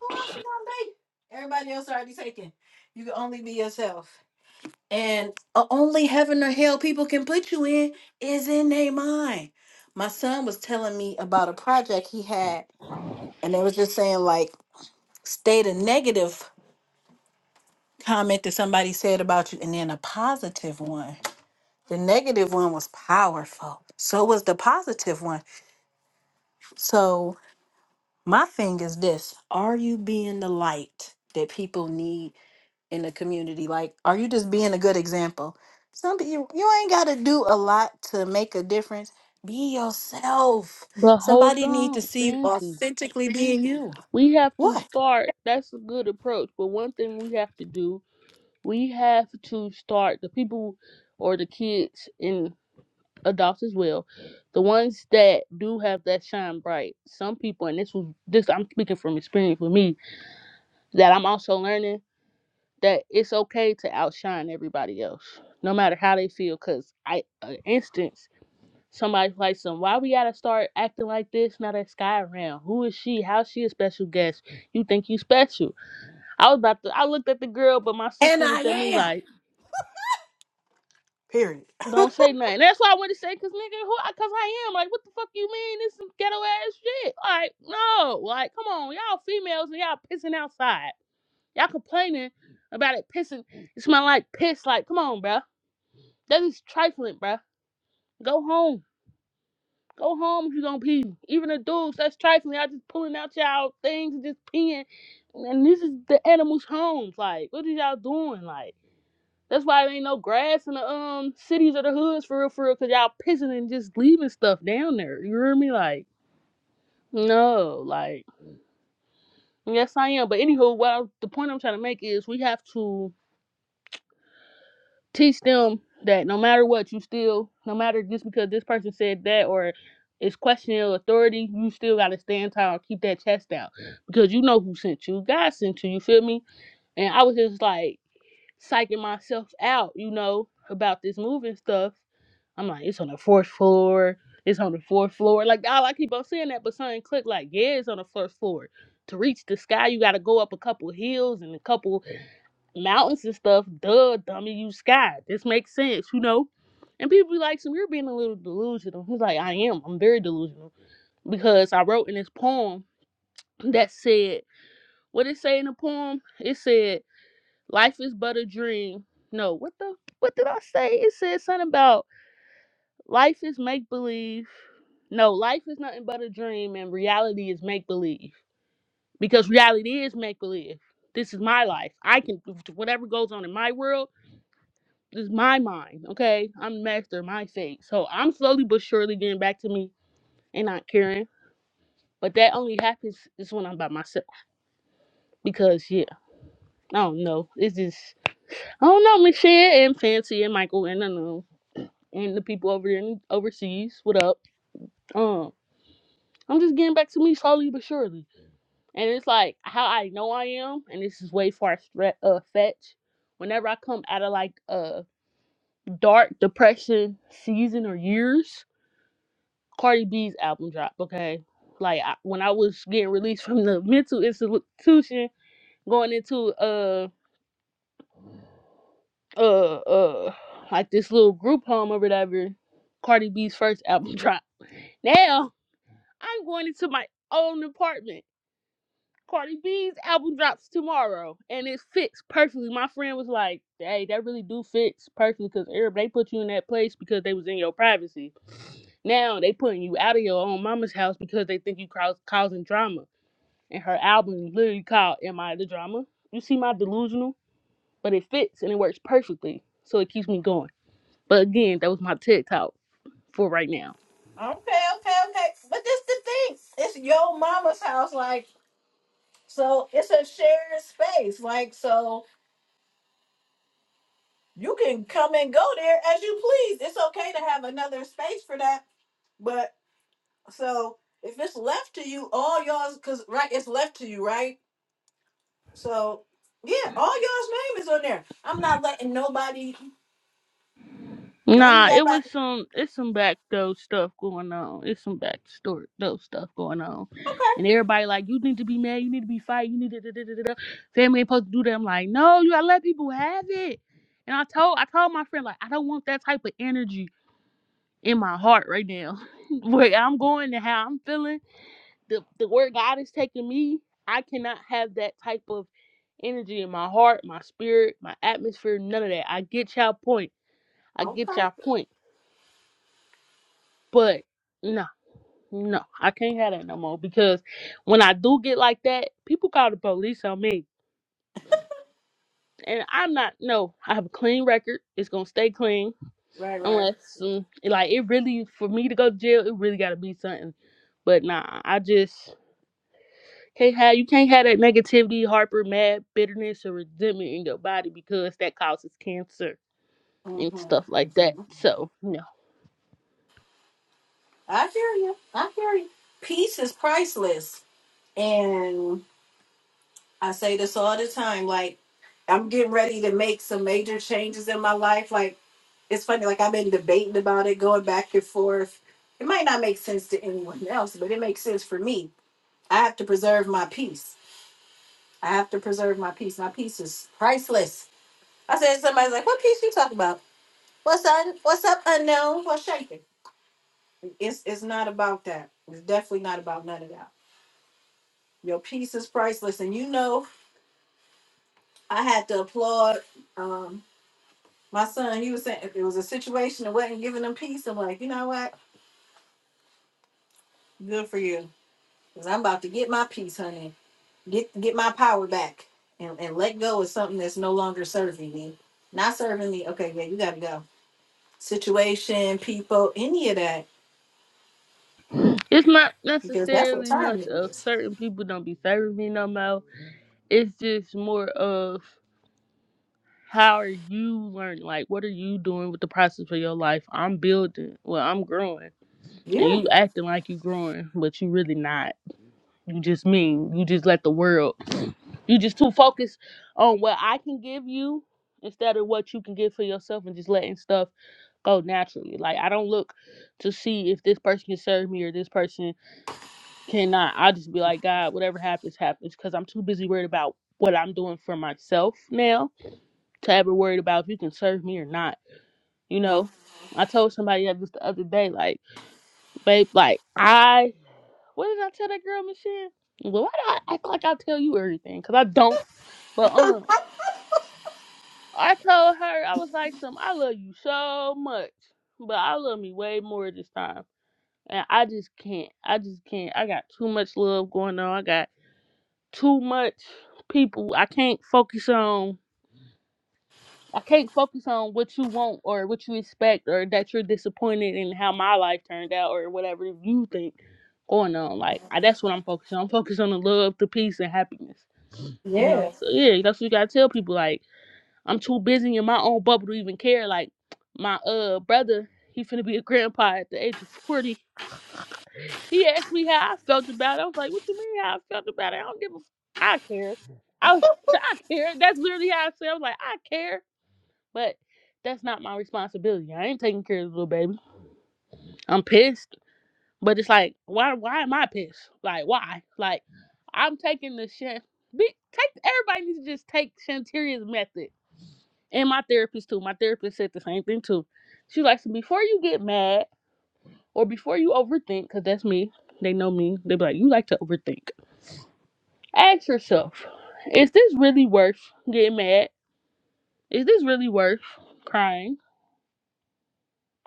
Who else you gonna be? Everybody else already taken. You can only be yourself. And o- only heaven or hell people can put you in is in their mind. My son was telling me about a project he had, and they was just saying, like, state a negative comment that somebody said about you, and then a positive one. The negative one was powerful. So was the positive one. So, my thing is this Are you being the light that people need? in the community? Like, are you just being a good example? Some people, you, you ain't got to do a lot to make a difference. Be yourself. but hold Somebody need to on see you fancy authentically being you. we have to What? start that's a good approach but one thing we have to do we have to start the people or the kids in. adults as well, the ones that do have that shine bright. Some people, and this was this I'm speaking from experience with me, that I'm also learning that it's okay to outshine everybody else, no matter how they feel. Cause I, an instance, somebody's like, "Some why we gotta start acting like this now that Sky around? Who is she? How's she a special guest? You think you special?" I was about to, I looked at the girl, but my And sister I looked at me am. like. Period. Don't say nothing. That's what I want to say, cause nigga, who? I, cause I am like, what the fuck you mean? This some ghetto ass shit. Like, no, like, come on, y'all females and y'all pissing outside. Y'all complaining about it pissing. It smell like piss. Like, come on, bruh. That is trifling, bruh. Go home. Go home if you gonna pee. Even the dudes, that's trifling. Y'all just pulling out y'all things and just peeing. And this is the animals' homes. Like, what are y'all doing? Like. That's why there ain't no grass in the um cities or the hoods for real, for real, cause y'all pissing and just leaving stuff down there. You hear me? Like, no, like, yes, I am. But anywho, what I, the point I'm trying to make is we have to teach them that no matter what, you still, no matter just because this person said that or is questioning your authority, you still gotta stand tall, and keep that chest out, because you know who sent you. God sent you. You feel me? And I was just like psyching myself out, you know, about this moving stuff I'm like, it's on the fourth floor. It's on the fourth floor. Like, oh, I keep on saying that, but something click like, yeah, it's on the fourth floor. To reach the sky, you gotta go up a couple hills and a couple mountains and stuff. Duh, dummy, you sky. This makes sense, you know? And people be like, so you're being a little delusional. He's like, I am. I'm very delusional. Because I wrote in this poem that said, what it say in the poem? It said, life is but a dream. No, what the, what did I say? It said something about Life is make believe. No, life is nothing but a dream, and reality is make believe. Because reality is make believe. This is my life. I can whatever goes on in my world this is my mind. Okay, I'm the master of my fate. So I'm slowly but surely getting back to me and not caring. But that only happens is when I'm by myself. Because yeah, I don't know. It's just I don't know, Michelle and Fancy and Michael and I know and the people over there in overseas. What up? Um, I'm just getting back to me slowly but surely. And it's like how I know I am, and this is way far stre- uh, fetched. Whenever I come out of like a dark depression season or years, Cardi B's album dropped. Okay, like I, when I was getting released from the mental institution, going into uh uh uh like this little group home or whatever, Cardi B's first album [laughs] dropped. Now I'm going into my own apartment Cardi B's album drops tomorrow, and it fits perfectly. My friend was like, "Hey, that really do fits perfectly because they put you in that place because they was in your privacy. Now they putting you out of your own mama's house because they think you cause, causing drama." And her album is literally called "Am I the Drama?" You see my delusional, but it fits and it works perfectly, so it keeps me going. But again, that was my TED talk for right now. Okay, okay, okay. But this the thing. It's your mama's house, like so it's a shared space. Like so you can come and go there as you please. It's okay to have another space for that. but. So if it's left to you, all y'all's because right, it's left to you, right? So yeah, all y'all's name is on there. I'm not letting nobody run Nah, me up. it I- was some it's some back though stuff going on. It's some back store though stuff going on. And everybody like, you need to be mad, you need to be fight, you need to da, da, da, da, da. family ain't supposed to do that. I'm like, no, you gotta let people have it. And I told I told my friend, like, I don't want that type of energy in my heart right now. [laughs] Where I'm going and how I'm feeling, the the where God is taking me, I cannot have that type of energy in my heart, my spirit, my atmosphere, none of that. I get y'all point. I get Okay, y'all point But no, no, I can't have that no more because when I do get like that, people call the police on me. And I'm not, no, I have a clean record. It's going to stay clean right, right. unless, mm, like, it really, for me to go to jail, it really got to be something. But nah, I just can't have, you can't have that negativity, Harper, mad, bitterness, or resentment in your body because that causes cancer and Mm-hmm, stuff like that. hmm So, no, I hear you. I hear you. Peace is priceless, and I say this all the time. Like I'm getting ready to make some major changes in my life. Like it's funny. Like I've been debating about it, going back and forth. It might not make sense to anyone else, but it makes sense for me I have to preserve my peace. I have to preserve my peace. My peace is priceless. I said somebody's like, "What peace you talking about? What's un? What's up, unknown? What's shaking?" It's it's not about that. It's definitely not about none of that. Your peace is priceless, and you know I had to applaud um, my son. He was saying if it was a situation that wasn't giving him peace, I'm like, you know what? Good for you, cause I'm about to get my peace, honey get get my power back and, and let go of something that's no longer serving me not serving me okay yeah you gotta go situation people any of that it's not because that's what necessarily time much it of is certain people don't be serving me no more it's just more of how are you learning? Like, what are you doing with the process of your life? I'm building. Well, I'm growing, and yeah you acting like you growing, but you really not. You just mean. You just let the world. You just too focused on what I can give you instead of what you can give for yourself, and just letting stuff go naturally. Like I don't look to see if this person can serve me or this person cannot. I just be like, God, whatever happens, happens, because I'm too busy worried about what I'm doing for myself now to ever worried about if you can serve me or not. You know, I told somebody that just the other day, like, babe, like I, what did I tell that girl, Michelle? Well, why do I act like I tell you everything? Cause I don't. But um, I told her I was like, some I love you so much, but I love me way more this time, and I just can't. I just can't. I got too much love going on. I got too much people. I can't focus on. I can't focus on what you want or what you expect or that you're disappointed in how my life turned out or whatever you think going on. Like I, that's what I'm focused on. I'm focused on the love, the peace, and happiness. You know, yeah so yeah, that's what you gotta tell people. Like I'm too busy in my own bubble to even care. Like my uh brother, he finna be a grandpa at the age of forty. He asked me how I felt about it. I was like, "What you mean how I felt about it? I don't give a f- I care. I was, [laughs] I care. That's literally how I said. I was like, I care. But that's not my responsibility. I ain't taking care of the little baby. I'm pissed. But it's like, why why am I pissed? Like why? Like I'm taking the shit be take everybody needs to just take Shantaria's method. And my therapist too. My therapist said the same thing too. She likes to before you get mad or before you overthink, because that's me, they know me, they be like, you like to overthink. Ask yourself, is this really worth getting mad? Is this really worth crying?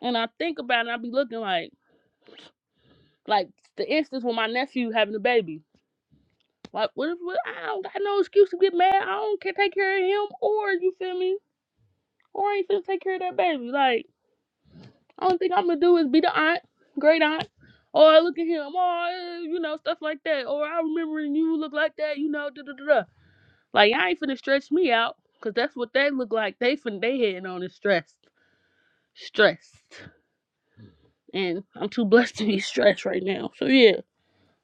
And I think about it, and I be looking like Like the instance with my nephew having a baby. Like what if what, I don't got no excuse to get mad. I don't care take care of him or you feel me? Or I ain't finna take care of that baby. Like only thing I'm gonna do is be the aunt, great aunt. Or look at him, or you know, stuff like that. Or I remember when you look like that, you know, da da da da. Like y'all ain't finna stretch me out, cause that's what they look like. They finna they heading on is stressed. Stressed. And I'm too blessed to be [laughs] stressed right now. So yeah.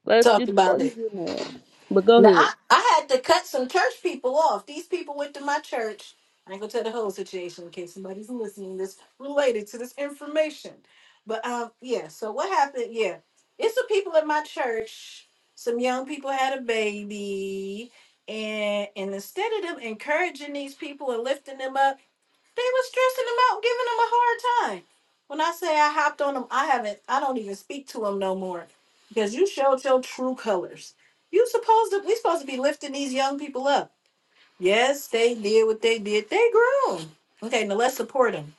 Let's talked just before about it you get mad. But go Now ahead. I, I had to cut some church people off. These people went to my church. I ain't gonna tell the whole situation in case somebody's listening that's related to this information. But um yeah, so what happened? Yeah. It's the people at my church. Some young people had a baby. And and instead of them encouraging these people and lifting them up, they was stressing him out, giving him a hard time. When I say I hopped on him, I haven't. I don't even speak to him no more because you showed your true colors. You supposed to. We supposed to be lifting these young people up. Yes, they did what they did. They grown. Okay, now let's support them.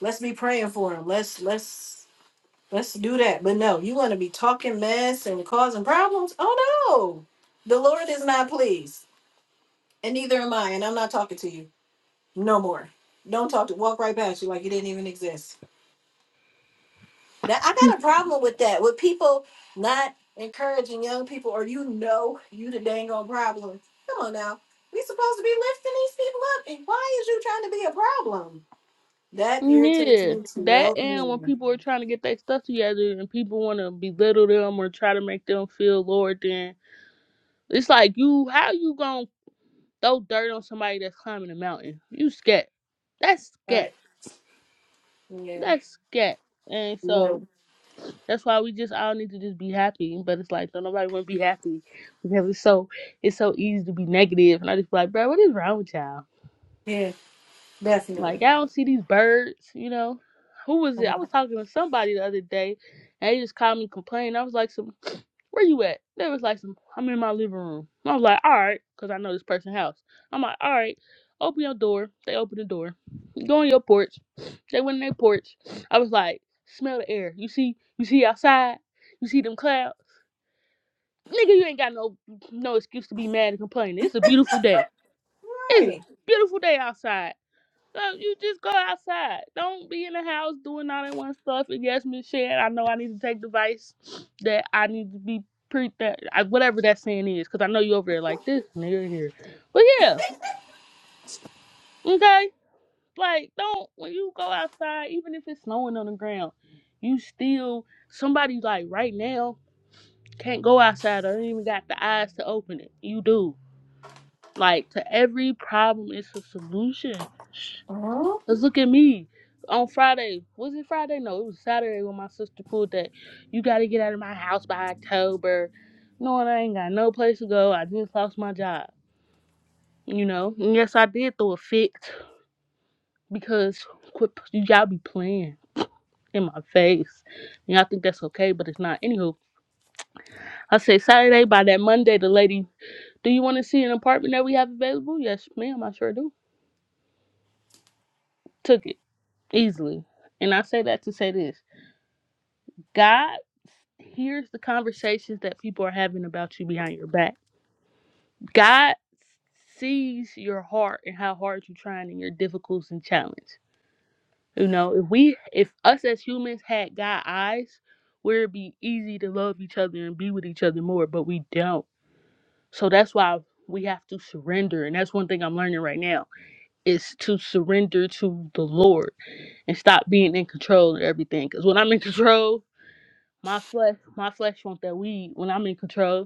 Let's be praying for them. Let's let's let's do that. But no, you want to be talking mess and causing problems? Oh no, the Lord is not pleased, and neither am I. And I'm not talking to you no more. Don't talk to. Walk right past you like you didn't even exist. That I got a problem with that. With people not encouraging young people, or you know, you the dang old problem. Come on now, we supposed to be lifting these people up, and why is you trying to be a problem? That irritates Yeah, me to that no and when end. people are trying to get their stuff together and people want to belittle them or try to make them feel lower than, it's like you, how you gonna throw dirt on somebody that's climbing a mountain? You scat. That's scat. Right? Yeah. That's scat. And No. so that's why we just all need to just be happy. But it's like, don't nobody want to be happy because it's so it's so easy to be negative. And I just be like, bro, what is wrong with y'all? Yeah. Definitely. Like I don't see these birds, you know. Who was it? I was Right. talking to somebody the other day, and they just called me complaining. I was like, "Some, where you at?" They was like, "Some, I'm in my living room." I was like, "All right," because I know this person's house. I'm like, "All right, open your door." They open the door. Go on your porch. They went on their porch. I was like, "Smell the air. You see, you see outside. You see them clouds." Nigga, you ain't got no no excuse to be mad and complaining. It's a beautiful day. It's a beautiful day outside. Go, you just go outside. Don't be in the house doing all that one stuff. And yes, Miss Shan, I know I need to take advice that I need to be pre that I- whatever that saying is, because I know you over there like this nigga here. But yeah, okay. Like don't when you go outside, even if it's snowing on the ground, you still somebody like right now can't go outside or even got the eyes to open it. You do. Like to every problem it's a solution. Oh. Cause look at me on Friday. Was it Friday? No, it was Saturday when my sister pulled that. You gotta get out of my house by October. No, and I ain't got no place to go. I just lost my job. You know. And yes, I did throw a fit because quit. You gotta be playing in my face. And I think that's okay, but it's not. Anywho, I say Saturday by that Monday. The lady, do you want to see an apartment that we have available? Yes, ma'am. I sure do. Took it easily. And I say that to say this. God here's the conversations that people are having about you behind your back. God sees your heart and how hard you're trying and your difficulties and challenge. You know, if we, if us as humans had God eyes, where it'd be easy to love each other and be with each other more, but we don't. So that's why we have to surrender, and that's one thing I'm learning right now is to surrender to the Lord and stop being in control of everything. Because when I'm in [laughs] control, my flesh, my flesh wants that weed. When I'm in control,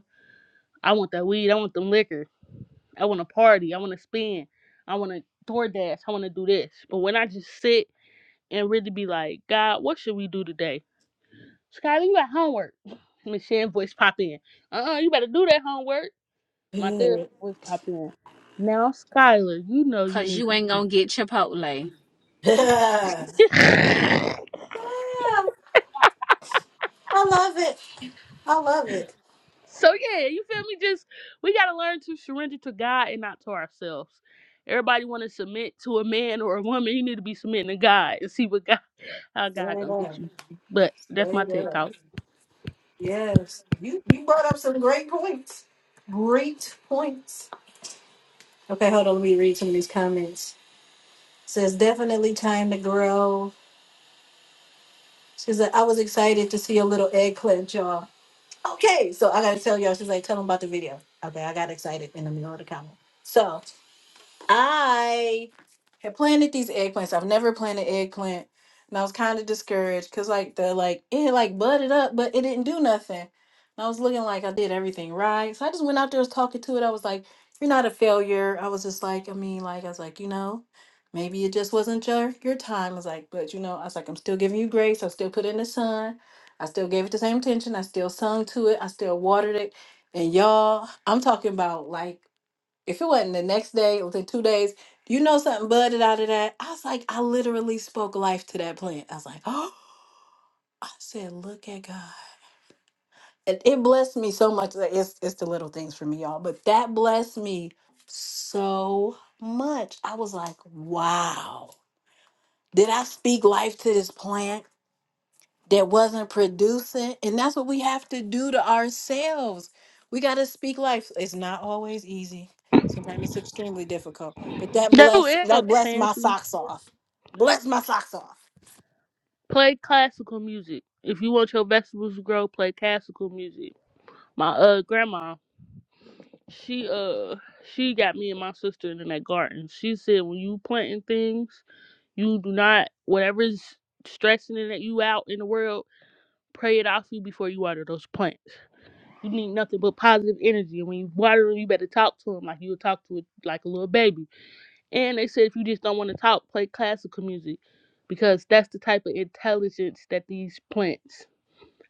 I want that weed. I want them liquor. I want to party. I want to spend. I want to DoorDash. I want to do this. But when I just sit and really be like, God, what should we do today? Skylar, you got homework. [laughs] Miss Shan voice pop in. Uh-uh, you better do that homework. My therapist Good. voice pop in. Now, Skylar, you know you Cause need you to. ain't gonna get Chipotle. [laughs] yeah. [laughs] I love it. I love it. so, yeah, you feel me? Just, we got to learn to surrender to God and not to ourselves. Everybody want to submit to a man or a woman. You need to be submitting to God and see what God How God Straight gonna get up. you? But that's my Straight take up. out. Yes, you you brought up some great points. Great points. Okay, hold on. Let me read some of these comments. says definitely time to grow. She's like, I was excited to see a little eggplant, y'all. Okay, so I gotta tell y'all. She's like, tell them about the video. Okay, I got excited in the middle of the comment. So I had planted these eggplants. I've never planted eggplant, and I was kind of discouraged because like the like it had, like budded up, but it didn't do nothing. And I was looking like I did everything right, so I just went out there was talking to it. I was like, "You're not a failure." I was just like, I mean, like I was like, you know, maybe it just wasn't your your time. I was like, but you know, I was like, I'm still giving you grace. I still put it in the sun. I still gave it the same attention. I still sung to it. I still watered it. And y'all, I'm talking about like if it wasn't the next day or the two days, you know something budded out of that. I was like, I literally spoke life to that plant. I was like, [gasps] oh, I said, look at God. It, it blessed me so much. Like, It's it's the little things for me, y'all. But that blessed me so much. I was like, wow. Did I speak life to this plant? that wasn't producing. And that's what we have to do to ourselves. We got to speak life. It's not always easy. Sometimes it's extremely difficult. But that Do bless it, that bless my fancy. socks off. Bless my socks off. Play classical music. If you want your vegetables to grow, play classical music. My uh grandma, she uh she got me and my sister in that garden. She said when you planting things, you do not whatever's stressing it at you out in the world, pray it off you before you water those plants. You need nothing but positive energy. And when you water them, you better talk to them like you would talk to a, like a little baby. And they said if you just don't want to talk, play classical music because that's the type of intelligence that these plants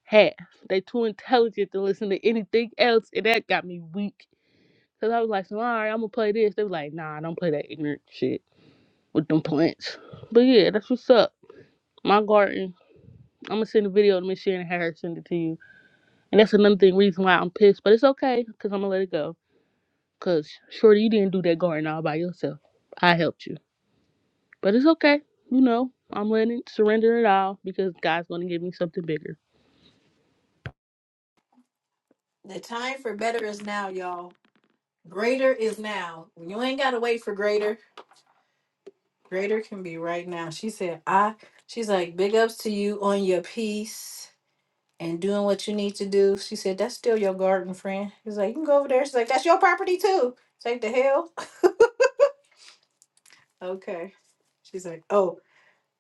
have. They too intelligent to listen to anything else, and that got me weak. Cause I was like, so, all right, I'm gonna play this. They were like, nah, don't play that ignorant shit with them plants. But yeah, that's what's up. My garden. I'm gonna send a video to Miss Sharon and have her send it to you. And that's another thing, reason why I'm pissed. But it's okay, cause I'm gonna let it go. Cause Shorty, you didn't do that garden all by yourself. I helped you. But it's okay. You know, I'm letting surrender it all because God's gonna give me something bigger. The time for better is now, y'all. Greater is now. You ain't gotta wait for greater. Greater can be right now. She said, I she's like, big ups to you on your peace and doing what you need to do. She said, That's still your garden, friend. He's like, You can go over there. She's like, That's your property too. Take the hell. Okay. She's like, oh,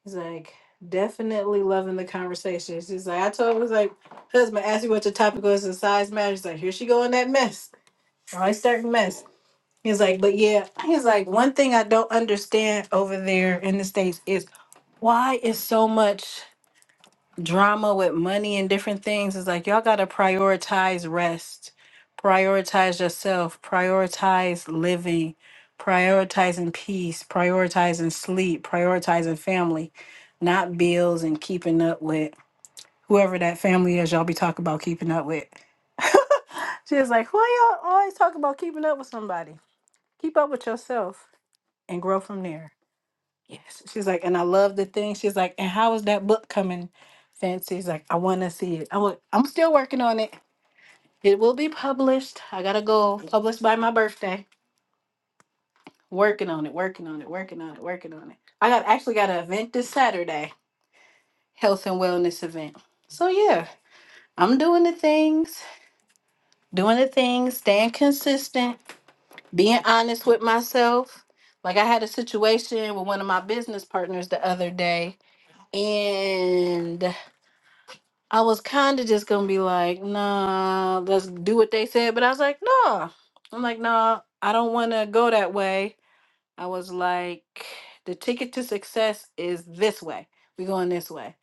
he's like, definitely loving the conversation. She's like, I told him, was like, husband asked you what your topic was and size matters. He's like, here she go in that mess. Always starting mess. He's like, but yeah, he's like, one thing I don't understand over there in the States is why is so much drama with money and different things it's like y'all gotta prioritize rest prioritize yourself prioritize living prioritizing peace prioritizing sleep prioritizing family not bills and keeping up with whoever that family is y'all be talking about keeping up with [laughs] she's like why y'all always talk about keeping up with somebody keep up with yourself and grow from there Yes. She's like, and I love the thing. She's like, and how is that book coming? Fancy's like, I want to see it. I wa- I'm still working on it. It will be published. I gotta go published by my birthday. Working on it, working on it, working on it, working on it. I got actually got an event this Saturday, health and wellness event. So yeah, I'm doing the things, doing the things, staying consistent, being honest with myself. Like I had a situation with one of my business partners the other day, and I was kind of just gonna be like, nah, let's do what they said. But I was like, nah. I'm like, nah, I don't want to go that way. I was like, the ticket to success is this way. We're going this way,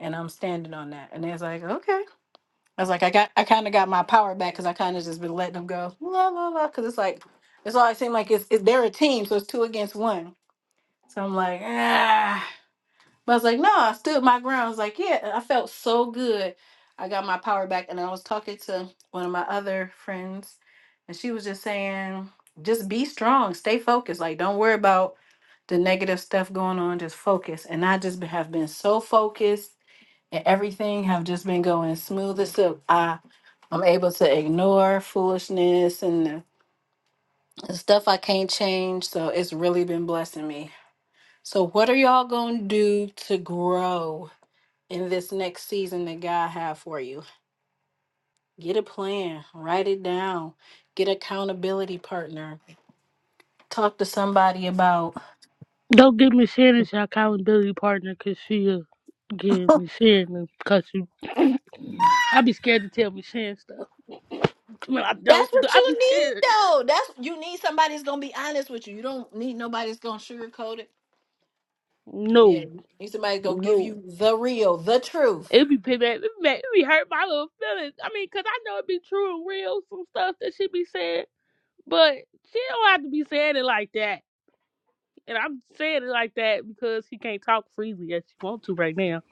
and I'm standing on that. And they was like, okay. I was like, I got, I kind of got my power back because I kind of just been letting them go, la la la. Because it's like, it's always seemed like it's, it, they're a team, so it's two against one. So I'm like, ah. But I was like, no, I stood my ground. I was like, yeah, and I felt so good. I got my power back. And I was talking to one of my other friends, and she was just saying, just be strong, stay focused. Like, don't worry about the negative stuff going on, just focus. And I just be- have been so focused, and everything have just been going smooth as silk. I, I'm able to ignore foolishness and the the stuff I can't change. So it's really been blessing me. So, what are y'all going to do to grow? in this next season that God have for you. Get a plan, write it down, get accountability partner. Talk to somebody about Don't give me Shannon shot calling Billy partner because she'll give me Shannon because she [coughs] I be scared to tell me Shannon stuff. When I that's don't what I be you need scared. though. That's you need somebody that's gonna be honest with you. You don't need nobody that's gonna sugarcoat it. Yeah, No. you need somebody that's gonna give No. you the real, the truth. It be pay it be, back, it be hurt my little feelings. I mean, cause I know it be true and real, some stuff that she be saying, but she don't have to be saying it like that. And I'm saying it like that because he can't talk freely as you want to right now.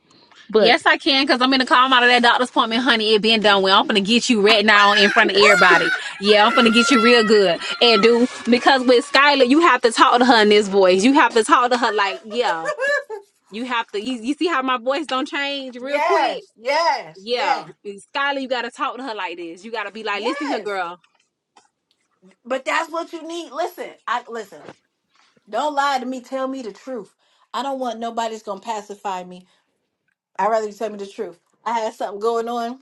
But Yes, I can, because I'm gonna call out of that doctor's appointment, honey. It been done well. I'm gonna get you right now in front of everybody. Yeah, I'm gonna get you real good. And do because with Skylar, you have to talk to her in this voice. You have to talk to her like, yeah. [laughs] You have to you, you see how my voice don't change real quick? yes, yes, Yeah. yes, Skylar, you gotta talk to her like this. You gotta be like, listen here, yes. girl. But that's what you need. Listen, I listen. Don't lie to me. Tell me the truth. I don't want nobody's gonna pacify me. I'd rather you tell me the truth. I had something going on,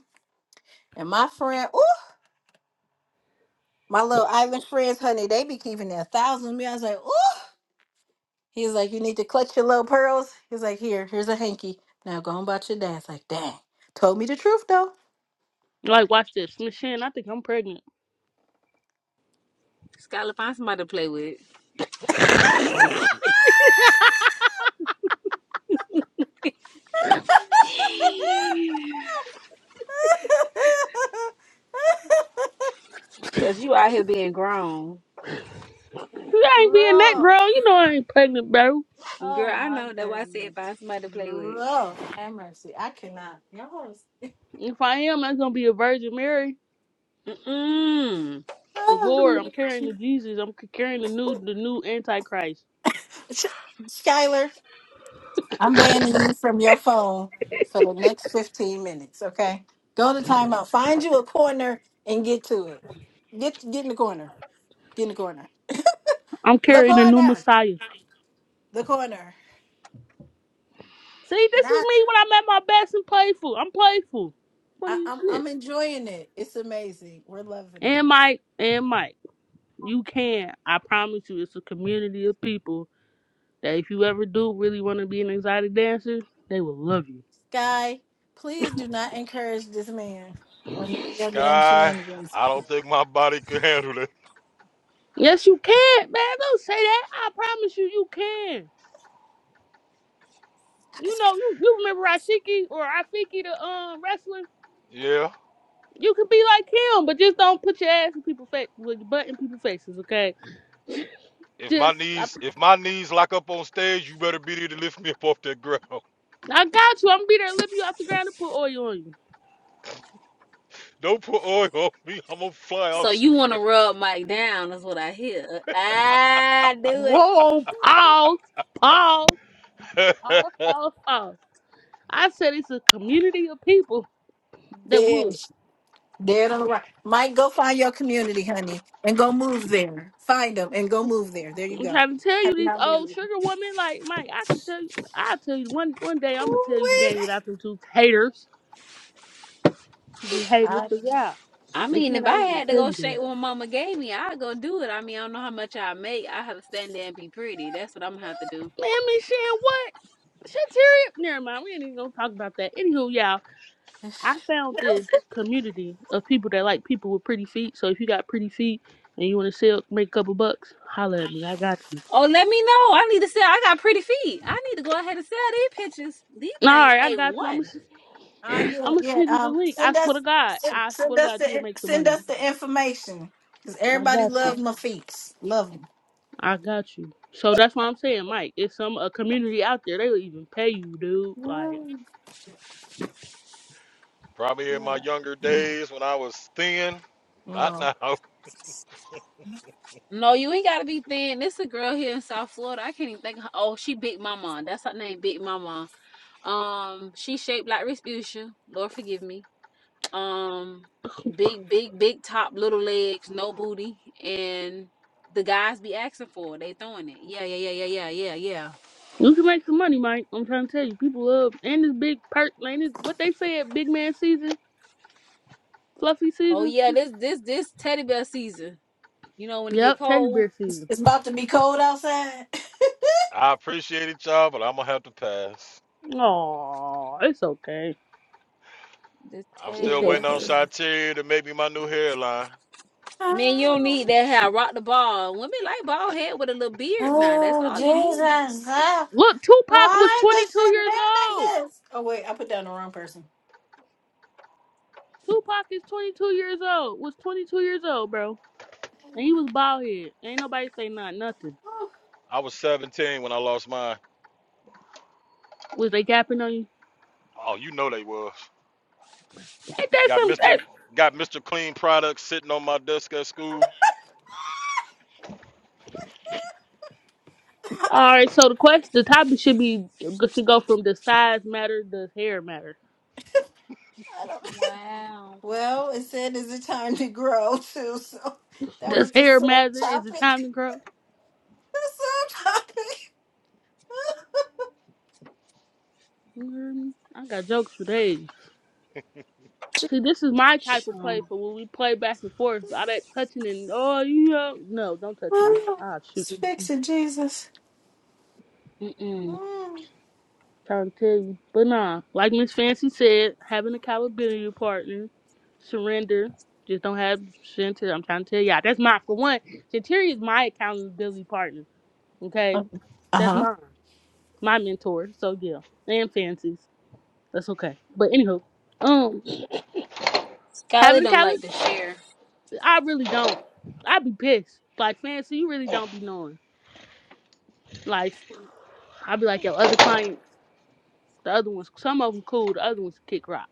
and my friend, ooh, my little island friends, honey, they be keeping their thousand me. I was like, ooh. He's like, you need to clutch your little pearls. He's like, here, here's a hanky. Now go on about your day. It's like, dang, told me the truth though. like, watch this, Miss Michelle. I think I'm pregnant. Skylar, find somebody to play with. [laughs] [laughs] Cause you out here being grown. you ain't being that Lord. girl. You know I ain't pregnant, bro. Girl, Oh I my know that's why I said goodness. find somebody to play with. Lord have mercy. I cannot. Y'all is- If I am, that's gonna be a Virgin Mary. Mm-mm. [sighs] The Lord, Oh. I'm carrying the Jesus. I'm carrying the new, the new Antichrist. Sh- Skylar, I'm banning you from your phone for the next 15 minutes, okay? Go to timeout. Find you a corner and get to it. Get get in the corner. Get in the corner. I'm The carrying the new corner. Messiah. The corner. See, this is Not me when I'm at my best and playful. I'm playful. I, Funny as I'm shit. I'm enjoying it. It's amazing. We're loving And it. Mike, and Mike, you can. I promise you, it's a community of people that if you ever do really want to be an exotic dancer, they will love you. Sky, please do not encourage this man on your damn Sky, shenanigans. I don't think my body could handle it. Yes, you can, man. Don't say that. I promise you, you can. You know, you, you remember Rashiki or Rafiki, the um wrestler. Yeah. You could be like him, but just don't put your ass in people's face with your butt in people's faces, okay? If my Just, I, knees, if my knees lock up on stage, you better be there to lift me up off that ground. I got you. I'm gonna be there, lift you off the ground and put oil on you. [laughs] Don't put oil on me. I'm gonna fly So off you want to rub Mike down? Is what I hear. I do it. Whoa, pause, pause, somewhere. [laughs] pause, pause, pause. I said it's a community of people that would. Dead, dead on the right. Mike, go find your community, honey, and go move there. Find them and go move there. There you I'm go. trying to tell you Happy these old holidays. sugar women, like Mike, I can tell you I'll tell you one one day I'm gonna tell you the Ooh-wee. game [laughs] without them two haters. The haters, Ah, cause yeah. I Miss mean, Shan, if I I ain't gonna had to tell go you shake this. what Mama gave me, I'd go do it. I mean, I don't know how much I make. I have to stand there and be pretty. That's what I'm gonna have to do. Man, Miss Shan, what? Shantiri? Never mind, we ain't even gonna talk about that. Anywho, y'all, I found this community of people that like people with pretty feet. So if you got pretty feet and you wanna sell make a couple bucks, holla at me. I got you. Oh, let me know. I need to sell. I got pretty feet. I need to go ahead and sell these pictures. These All things right, I a got you. I'm one. ah, gonna, yeah, I'm gonna [sniffs] [laughs] yeah. send you the Um, link. I send swear us, to God, send, I swear send to us God, you will the, make the send money. us the information because I everybody got you. loves my feet. Love them. I got you. So that's why I'm saying, Mike. It's some a community out there. They will even pay you, dude. Like Probably in Yeah. my younger days when I was thin. Not Love. now. No, you ain't gotta be thin. This a girl here in South Florida. I can't even think. Of her. Oh, she Big Mama. That's her name, Big Mama. Um, she shaped like Respucia. Lord forgive me. Um, big, big, big top, little legs, no booty, and the guys be asking for it. They throwing it. Yeah, yeah, yeah, yeah, yeah, yeah, yeah. you can make some money, Mike. I'm trying to tell you, people love and this big perk. Ain't it what they say at big man season, fluffy Oh season? yeah, this, this, this teddy bear season. You know when it get Yep, teddy cold, bear It's, season. it's about to be cold outside. [laughs] I appreciate it, y'all, but I'm gonna have to pass. Oh, it's okay. this I'm teddy It's still bear waiting on okay. season. Shantae to make me my new hairline. Man, you don't need oh, that hair. Rock the ball. Women like bald head with a little beard now. That's oh, all you need. Jesus! ah, Look, Tupac was why the 22 years old. shenanigans? Oh wait, I put down the wrong person. Tupac is 22 years old. Was 22 years old, bro. And he was bald head. Ain't nobody say not nothing. I was 17 when I lost mine. Was they gapping on you? Oh, you know they was. Ain't that Got some? Mr. Got Mr. Clean products sitting on my desk at school. All right, so the question, the topic should be should go from does size matter? Does hair matter? Wow. Well, it said it's a time to grow too, so that Does was the hair sub matter? Is it topic. [laughs] time to grow? The sub topic. You hear me? I got jokes for days. See, this is my type of play Sure. for when we play back and forth. All that touching and oh, you know, no, don't touch me. Oh, Ah, shoot, speaks of [laughs] Jesus. Mm-mm. Mm. trying to tell you, but nah. Like Miss Fancy said, having accountability partner, surrender. Just don't have Shantir. I'm trying to tell y'all. That's my for one. Shantir is my accountability partner. Uh Okay, that's huh. mine. my mentor. So yeah, and fancies. That's okay. But anywho, um, Skylar having a don't college, like to share. I really don't. I'd be pissed. Like fancy, you really don't be knowing. Like I'd be like yo, other clients, the other ones, some of them cool, the other ones kick rocks.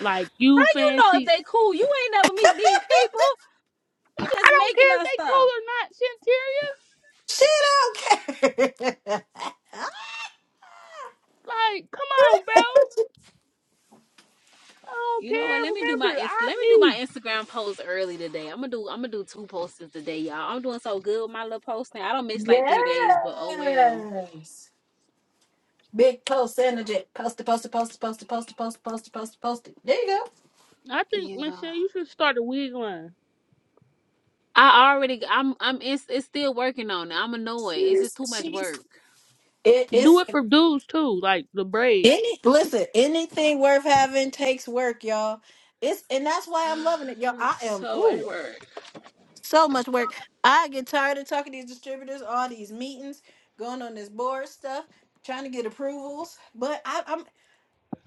Like you You know if fancy, they cool, you ain't never meet these people. I You just don't making care if up they stuff. cool or not, Shanteria. She don't care. Like come on, bro. I don't You know what? Let me do care. my Remember, I Inst- let am me do my me. Instagram post early today. I'm gonna do I'm gonna do two posts today, y'all. I'm doing so good with my little posting. I don't [laughs] miss like three days, but oh well. yes. Big post energy. Post it, post it, post it, post it, post it, post it, post it, post it, post it. There you go. I think Yeah. Michelle, you should start a wig line. I already I'm I'm it's, it's still working on it. I'm annoyed. It's just She's, too much she's. work. It Do is. it for dudes too, like the braids. Any listen, anything worth having takes work, y'all. It's and that's why I'm loving it, y'all. I It's am so much ooh work. so much work. I get tired of talking to these distributors, all these meetings, going on this board stuff, trying to get approvals. But I, I'm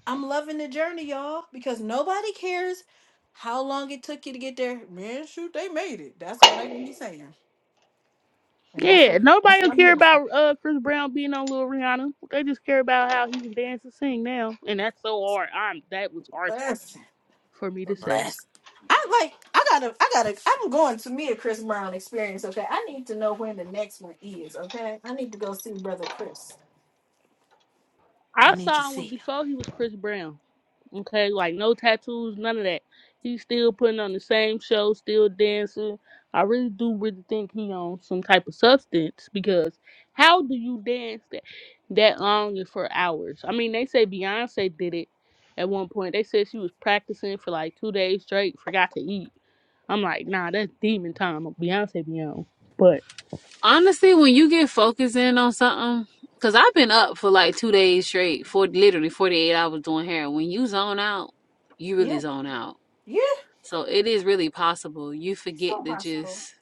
I'm loving the journey, y'all, because nobody cares how long it took you to get there. Man, shoot, they made it. That's all they gonna be saying, and that's Yeah, what nobody that's will what I'm care about listening. uh Chris Brown being on Lil Rihanna. They just care about how he can dance and sing now, and that's so hard. I'm that was harsh for me to say. Bless. I like. I gotta. I gotta. I'm going to me a Chris Brown experience. Okay. I need to know when the next one is. Okay. I need to go see Brother Chris. I I need to saw him see him. before he was Chris Brown. Okay, like no tattoos, none of that. He's still putting on the same show, still dancing. I really do really think he on some type of substance because how do you dance that that long and for hours? I mean, they say Beyonce did it at one point. They said she was practicing for like two days straight, forgot to eat I'm like, nah, that's demon time. Beyonce be on. But Honestly, when you get focused in on something, cause I've been up for like two days straight, for literally 48 hours doing hair. When you zone out, you really Yeah. zone out. Yeah. So it is really possible you forget So to possible. just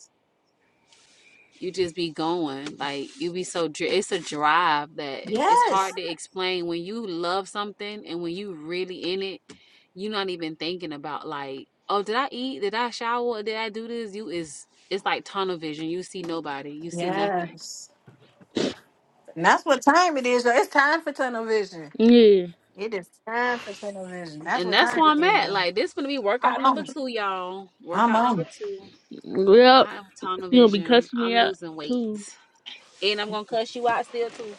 you just be going like you be so dri- it's a drive that it's hard Yes. to explain when you love something and when you really in it you're not even thinking about like oh did i eat did i shower did i do this you is it's like tunnel vision you see nobody you see nothing Yes. And that's what time it is. Yo. It's time for tunnel vision. yeah, It is time for tunnel vision. That's and what that's time where it i'm is. at Yo. like this gonna be I'm workout on number it. two y'all I'm workout on number it. two well, i am tunnel she gonna be vision cussing me i'm out losing too. weight and I'm gonna cuss you out still too.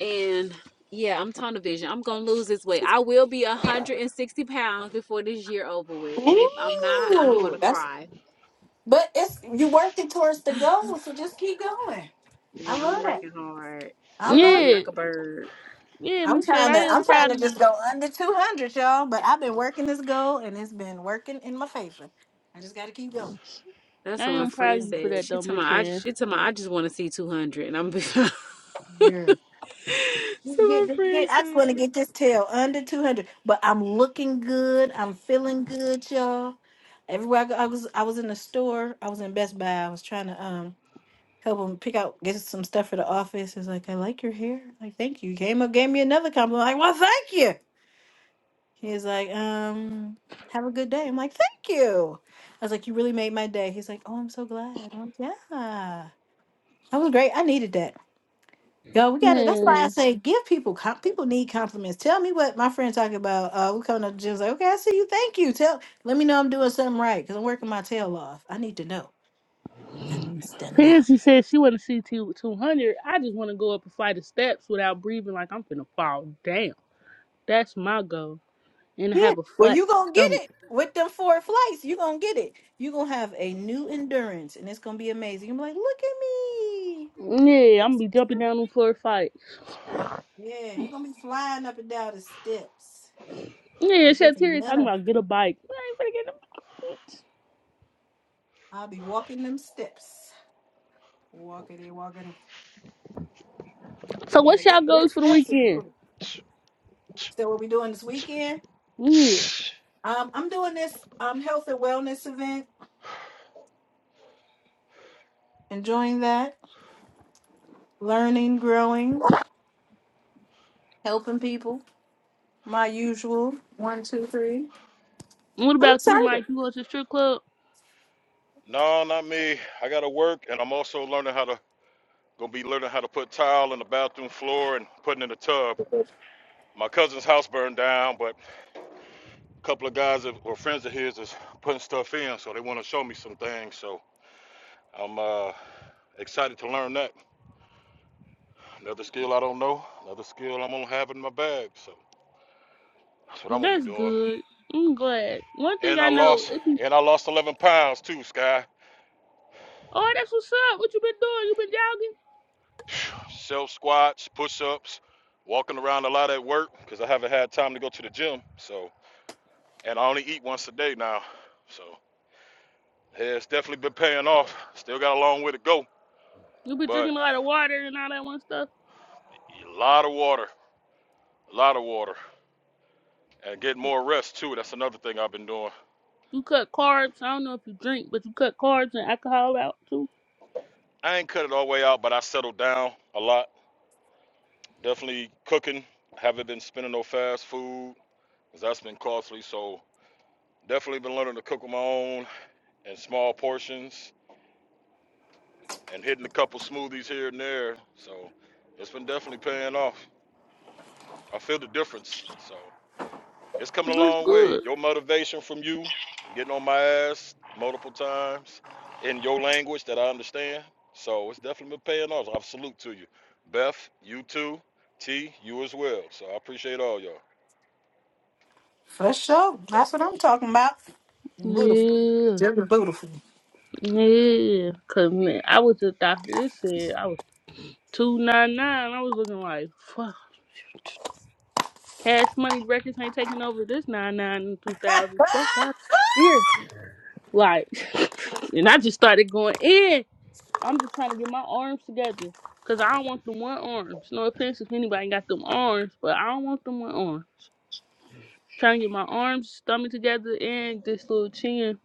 And yeah, I'm tunnel vision. I'm gonna lose this weight. I will be 160 pounds before this year over with. And if I'm not, I'm Ooh, gonna that's cry. but it's you working towards the [sighs] goal, so just keep going. I Yeah, I'm love that. working hard. I I'm love eating Yeah, like a bird. yeah, I'm Miss Shan, trying I to am I'm trying proud of to you. just go under 200, y'all. But I've been working this goal and it's been working in my favor. I just got to keep going. That's I what my am Just keep proud friend of you going. for said. that She though, told Miss me I just, Shan. she told me I just want to see 200, and I'm. [laughs] so yeah. Get, my get, friend get- I just said. want to get this tail under 200, but I'm looking good. I'm feeling good, y'all. Everywhere I go, I was I was in the store. I was in Best Buy. I was trying to um help them pick out get some stuff for the office. It's like I like your hair. Like thank you. Came up gave me another compliment. Like well thank you. He's like, um, have a good day. I'm like, thank you. I was like, you really made my day. He's like, oh, I'm so glad. I'm like, yeah, that was great. I needed that. Yo, we got it. That's why I Man, say give people comp- people need compliments. Tell me what my friend talking about. Uh, we coming up to Jim's like, okay, I see you. Thank you. Tell let me know I'm doing something right because I'm working my tail off. I need to know. I need to know. Fancy said she want to see two two hundred. I just want to go up a flight of steps without breathing like I'm finna fall down. That's my goal, and Yeah. have a Well, flat you gonna get stomach. it with them four flights. You gonna get it. You gonna have a new endurance, and it's gonna be amazing. You're like, look at me. Yeah, I'm gonna be jumping down on floor fight. Yeah, you're gonna be flying up and down the steps. Yeah, I guess Shatiri talking nothing. about get a bike. I ain't finna get a bike. I'll be walking them steps. Walking and walking. So Yeah, what's that, y'all them goals for the steps are weekend? good. So what we doing this weekend? Yeah. [sniffs] Um, I'm doing this um health and wellness event. Enjoying that. Learning, growing, helping people. My usual. One, two, three. What I'm about you, excited. Mike? You go to the strip club? No, not me. I gotta work, and I'm also learning how to gonna be learning how to put tile in the bathroom floor and putting in the tub. My cousin's house burned down, but a couple of guys that, or friends of his is putting stuff in, so they want to show me some things. So I'm uh, excited to learn that. Another skill I don't know. Another skill I'm gonna have in my bag. So that's what I'm gonna be That's doing. good. I'm glad. One thing And I I know, lost, it be and I lost 11 pounds too, Sky. oh, that's what's up. What you been doing? You been jogging? [sighs] Self squats, push ups, walking around a lot at work because I haven't had time to go to the gym. So. and I only eat once a day now. So yeah, it's definitely been paying off. Still got a long way to go, You been but drinking a lot of water and all that one stuff. a lot of water, a lot of water, and get more rest too. That's another thing I've been doing. You cut carbs. I don't know if you drink, but you cut carbs and alcohol out too. I ain't cut it all the way out, but I settled down a lot. Definitely cooking. Haven't been spending no fast food, 'cause that's been costly. So definitely been learning to cook on my own in small portions and hitting a couple smoothies here and there. So it's been definitely paying off. I feel the difference. So. It's coming a That's long way. good. Your motivation from you getting on my ass multiple times in your language that I understand. So it's definitely been paying off. I salute to you, Beth. You too. T. You as well. So I appreciate all For sure. That's what I'm talking about. Beautiful. Yeah, Just beautiful. yeah. Cause man, I was a doctor. It said I was two nine nine. I was looking like fuck. Cash Money Records ain't taking over this nine nine in two thousand. Fuck [laughs] out. Like, [laughs] and I just started going in. I'm just trying to get my arms together. Cause I don't want them one arms. No offense if anybody got them arms, but I don't want them one arms. Trying to get my arms, stomach together, and this little chin.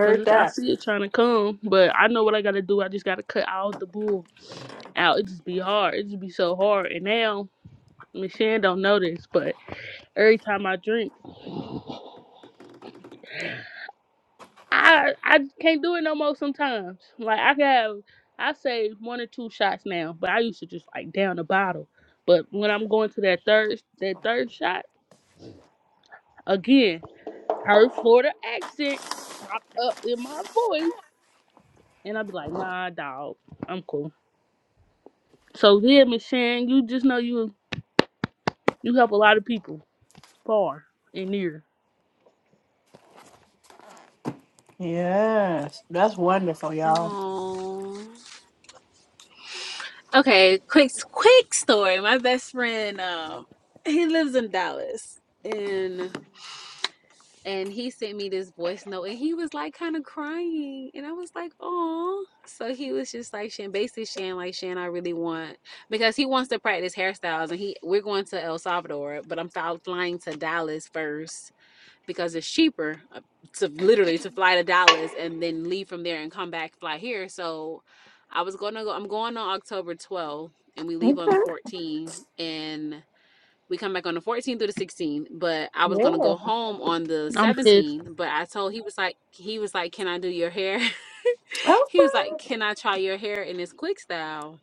Cause it's, I that. see it trying to come, but I know what I gotta do. I just gotta cut all the bull out. It just be hard. It just be so hard. And now, Miss Shan don't know this, but every time I drink, I I can't do it no more sometimes. Like I can have I say one or two shots now, but I used to just like down the bottle. But when I'm going to that third that third shot, again, her Florida accent pop up in my voice and I'd be like, nah dog, I'm cool. So yeah, Miss Sharon, you just know you you help a lot of people far and near. Yes. That's wonderful, y'all. Oh. Okay, quick quick story. My best friend, um, he lives in Dallas, and and he sent me this voice note and he was like kind of crying and i was like oh so he was just like shan basically shan like shan i really want because he wants to practice hairstyles and he we're going to el salvador but i'm flying to dallas first because it's cheaper uh, to literally to fly to dallas and then leave from there and come back fly here so i was going to go i'm going on october 12th and we leave on the Okay. 14th and we come back on the 14th through the 16th, but I was gonna Yeah. go home on the I'm pissed. 17th. But I told he was like he was like, "Can I do your hair?" Okay. [laughs] he was like, "Can I try your hair in this quick style?"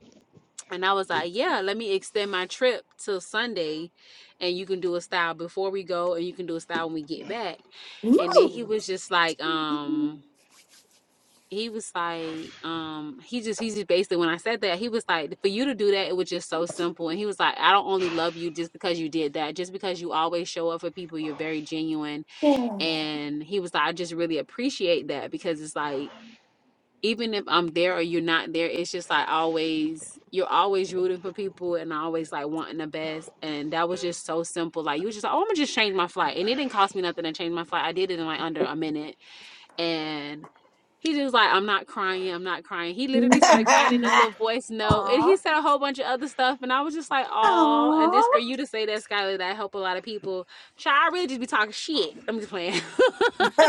And I was like, "Yeah, let me extend my trip till Sunday, and you can do a style before we go, and you can do a style when we get back." And then he Ooh. was just like, um he was like, um, he just he just basically when I said that, he was like, for you to do that, it was just so simple. And he was like, I don't only love you just because you did that, just because you always show up for people, you're very genuine. Yeah. And he was like, I just really appreciate that because it's like, even if I'm there or you're not there, it's just like always you're always rooting for people and always like wanting the best. And that was just so simple. Like you was just like, Oh, I'm gonna just change my flight. And it didn't cost me nothing to change my flight. I did it in like under a minute. And he just like, I'm not crying, I'm not crying. He literally started [laughs] crying in a little voice note. And Aw. he said a whole bunch of other stuff. And I was just like, oh, and just Aw. for you to say that, Skylar, that helped a lot of people. Child, I really just be talking shit. I'm just playing. [laughs]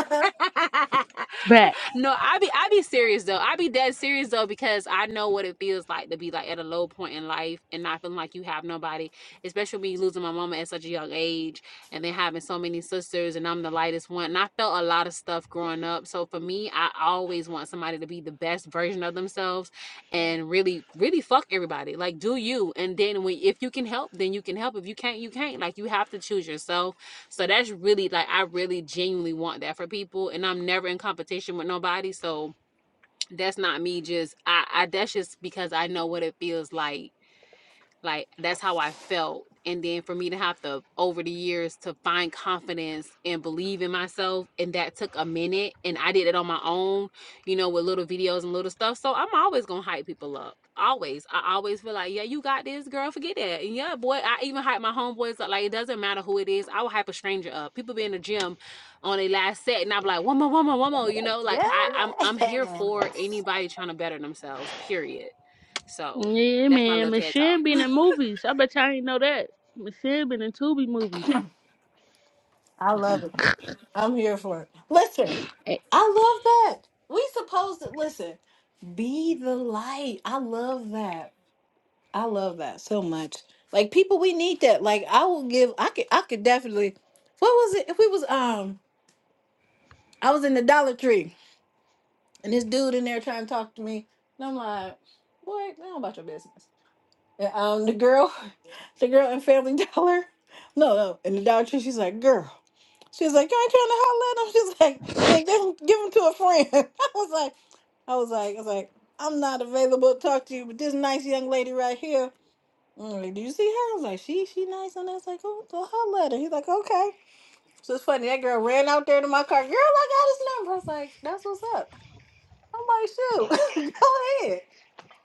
[laughs] Back. No, I be I be serious though. I be dead serious though because I know what it feels like to be like at a low point in life and not feeling like you have nobody, especially me losing my mama at such a young age and then having so many sisters and I'm the lightest one. And I felt a lot of stuff growing up. So for me, I always want somebody to be the best version of themselves and really, really fuck everybody. Like do you. And then when if you can help, then you can help. If you can't, you can't. Like you have to choose yourself so that's really like I really genuinely want that for people, and I'm never in competition with nobody. So that's not me. Just I, I that's just because I know what it feels like like that's how I felt. And then for me to have to over the years to find confidence and believe in myself, and that took a minute. And I did it on my own, you know, with little videos and little stuff. So I'm always gonna hype people up. Always. I always feel like, yeah, you got this, girl. Forget that. And yeah, boy, I even hype my homeboys up. Like it doesn't matter who it is. I will hype a stranger up. People be in the gym on their last set and I'm like, one more, one more, one more, you know, like yeah. I, I'm I'm here for anybody trying to better themselves, period. So Yeah, that's my man. little Miss TED talk. Sharon been in movies. I bet y'all ain't know that. Miss Sharon been in Tubi movies. I love it. I'm here for it. Listen, And, I love that. We supposed to listen, be the light. I love that. I love that so much. Like people, we need that. Like I will give I could I could definitely what was it? If we was um I was in the Dollar Tree And this dude in there trying to talk to me. And I'm like, what? Now about your business. And, um, the girl, [laughs] the girl in Family [laughs] Dollar. No, no. And the Dollar Tree, she's like, girl. She's like, you ain't trying to holler at them. She's [laughs] like, they, they give them to a friend. [laughs] I was like, I was like, I was like, I'm not available to talk to you, but this nice young lady right here. I'm like, do you see her? I was like, she, she nice. And I was like, oh, go holler at her. He's like, okay. So it's funny. That girl ran out there to my car. Girl, I got his number. I was like, that's what's up. I'm like, shoot, [laughs] go ahead.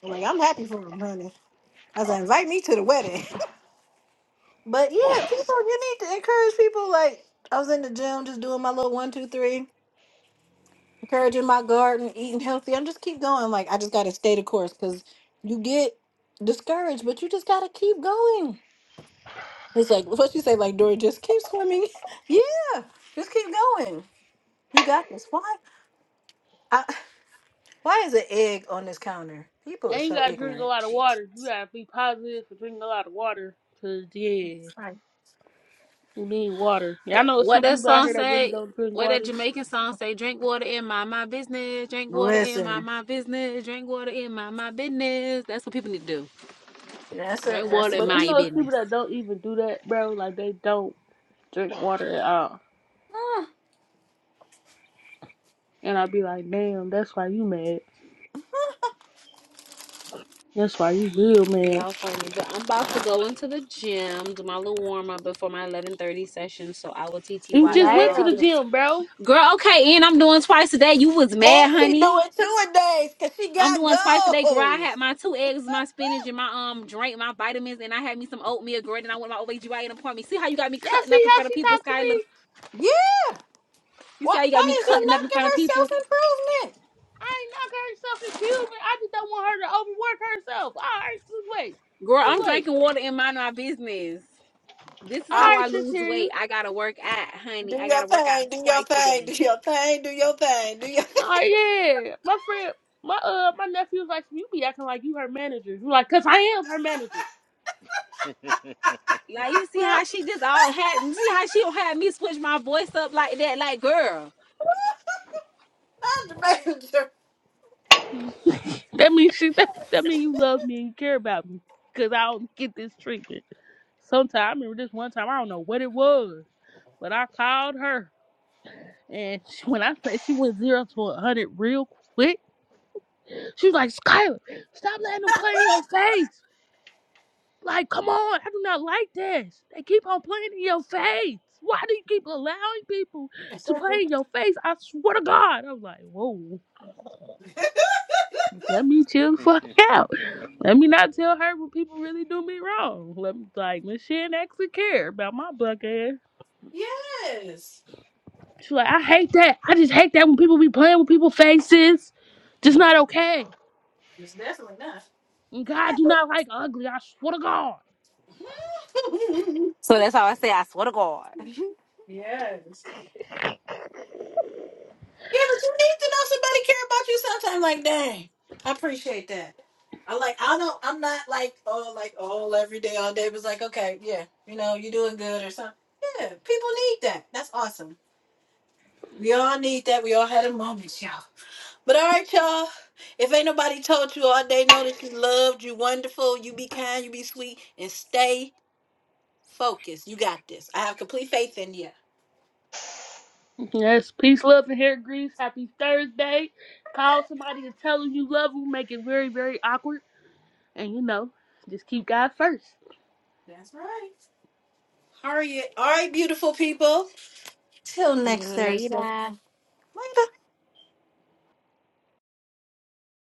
I'm like, I'm happy for him, honey. I said, invite me to the wedding. [laughs] But yeah, people, you need to encourage people. Like, I was in the gym just doing my little one, two, three, encouraging my garden, eating healthy. I'm just keep going. Like, I just got to stay the course because you get discouraged, but you just got to keep going. It's like what you say, like Dory, just keep swimming. [laughs] yeah, just keep going. You got this. Why? I, why is an egg on this counter? People are and you so gotta drink a ignorant. lot of Jeez. water. You gotta be positive for drinking a lot of water. Cause yeah, you need water. Yeah, I know What some that people out song here that really say? don't drink What that water. Jamaican song say? Drink water in my my business. Drink water in my Listen, my business. Drink water in my my business. That's what people need to do. that's a Drink water that's in But you that's my know it's business. people that don't even do that, bro. Like they don't drink water at all. And i would be like, damn, that's why you mad. That's why you real mad. Y'all funny, but I'm about to go into the gym, do my little warm up before my 11:30 session. So I will You just went TTYL. to the gym, bro. Girl, okay, and I'm doing twice a day. You was mad, And she honey. doing two a days because she I'm got doing twice a day, girl. I had goals. my two eggs, my spinach, and my um drink, my vitamins, and I had me some oatmeal, girl. And I went to my OBGYN appointment. See how you got me Y'all cutting up see in how front of she people, talked to Skylar? me? Yeah. You Why, see how you got me why is you cutting up in front knocking of her people? self improvement? I ain't knock her self-improvement. I just don't want her to overwork herself. All right, just wait. Girl, I'm Just wait. drinking water and mind my business. This is All I how right, I lose Shantarius. weight. I gotta work out, honey. do I your gotta work out thing, do your twice a thing, do day. your thing, do your thing, do your Oh yeah, my friend, my uh, my nephew was like, "You be acting like you her manager." I'm like, "Cause I am her manager." y'all. Like you see Well, how she just all had you see how she don't have me switch my voice up like that, like girl. [laughs] Not the major. that means she that, that means you love me and you care about me. Cause I don't get this treatment. Sometimes I remember this one time I don't know what it was, but I called her and she, when I say she went zero to a hundred real quick, she was like, "Skylar, stop letting them play in your face." Like, come on, I do not like this. They keep on playing in your face. Why do you keep allowing people to play in your face? I swear to God. I'm like, whoa. Let me chill the [laughs] fuck out. Let me not tell her when people really do me wrong. Let me like when she ain't actually care about my black ass. Yes. She's like, I hate that. I just hate that when people be playing with people's faces. Just not okay. it's definitely not. And God Yes. do not like ugly. I swear to God. So that's how I say I swear to God. [laughs] Yes. Yeah, but you need to know somebody care about you sometime. Like, dang, I appreciate that. I like, I don't, I'm not like, oh, like, all every day, all day. But it's like, okay, yeah, you know, you doing good or something. Yeah, people need that. That's awesome. We all need that. We all had a moment, y'all. But all right, y'all. If ain't nobody told you all day, know that you loved, you wonderful, you be kind, you be sweet, and stay focused. You got this. I have complete faith in you. Yes, peace, love, and hair grease. Happy Thursday. Call somebody and tell them you love them. Make it very, very awkward. And you know, just keep God first. That's right. All right, all right, beautiful people. Till next Thursday. Later. Later.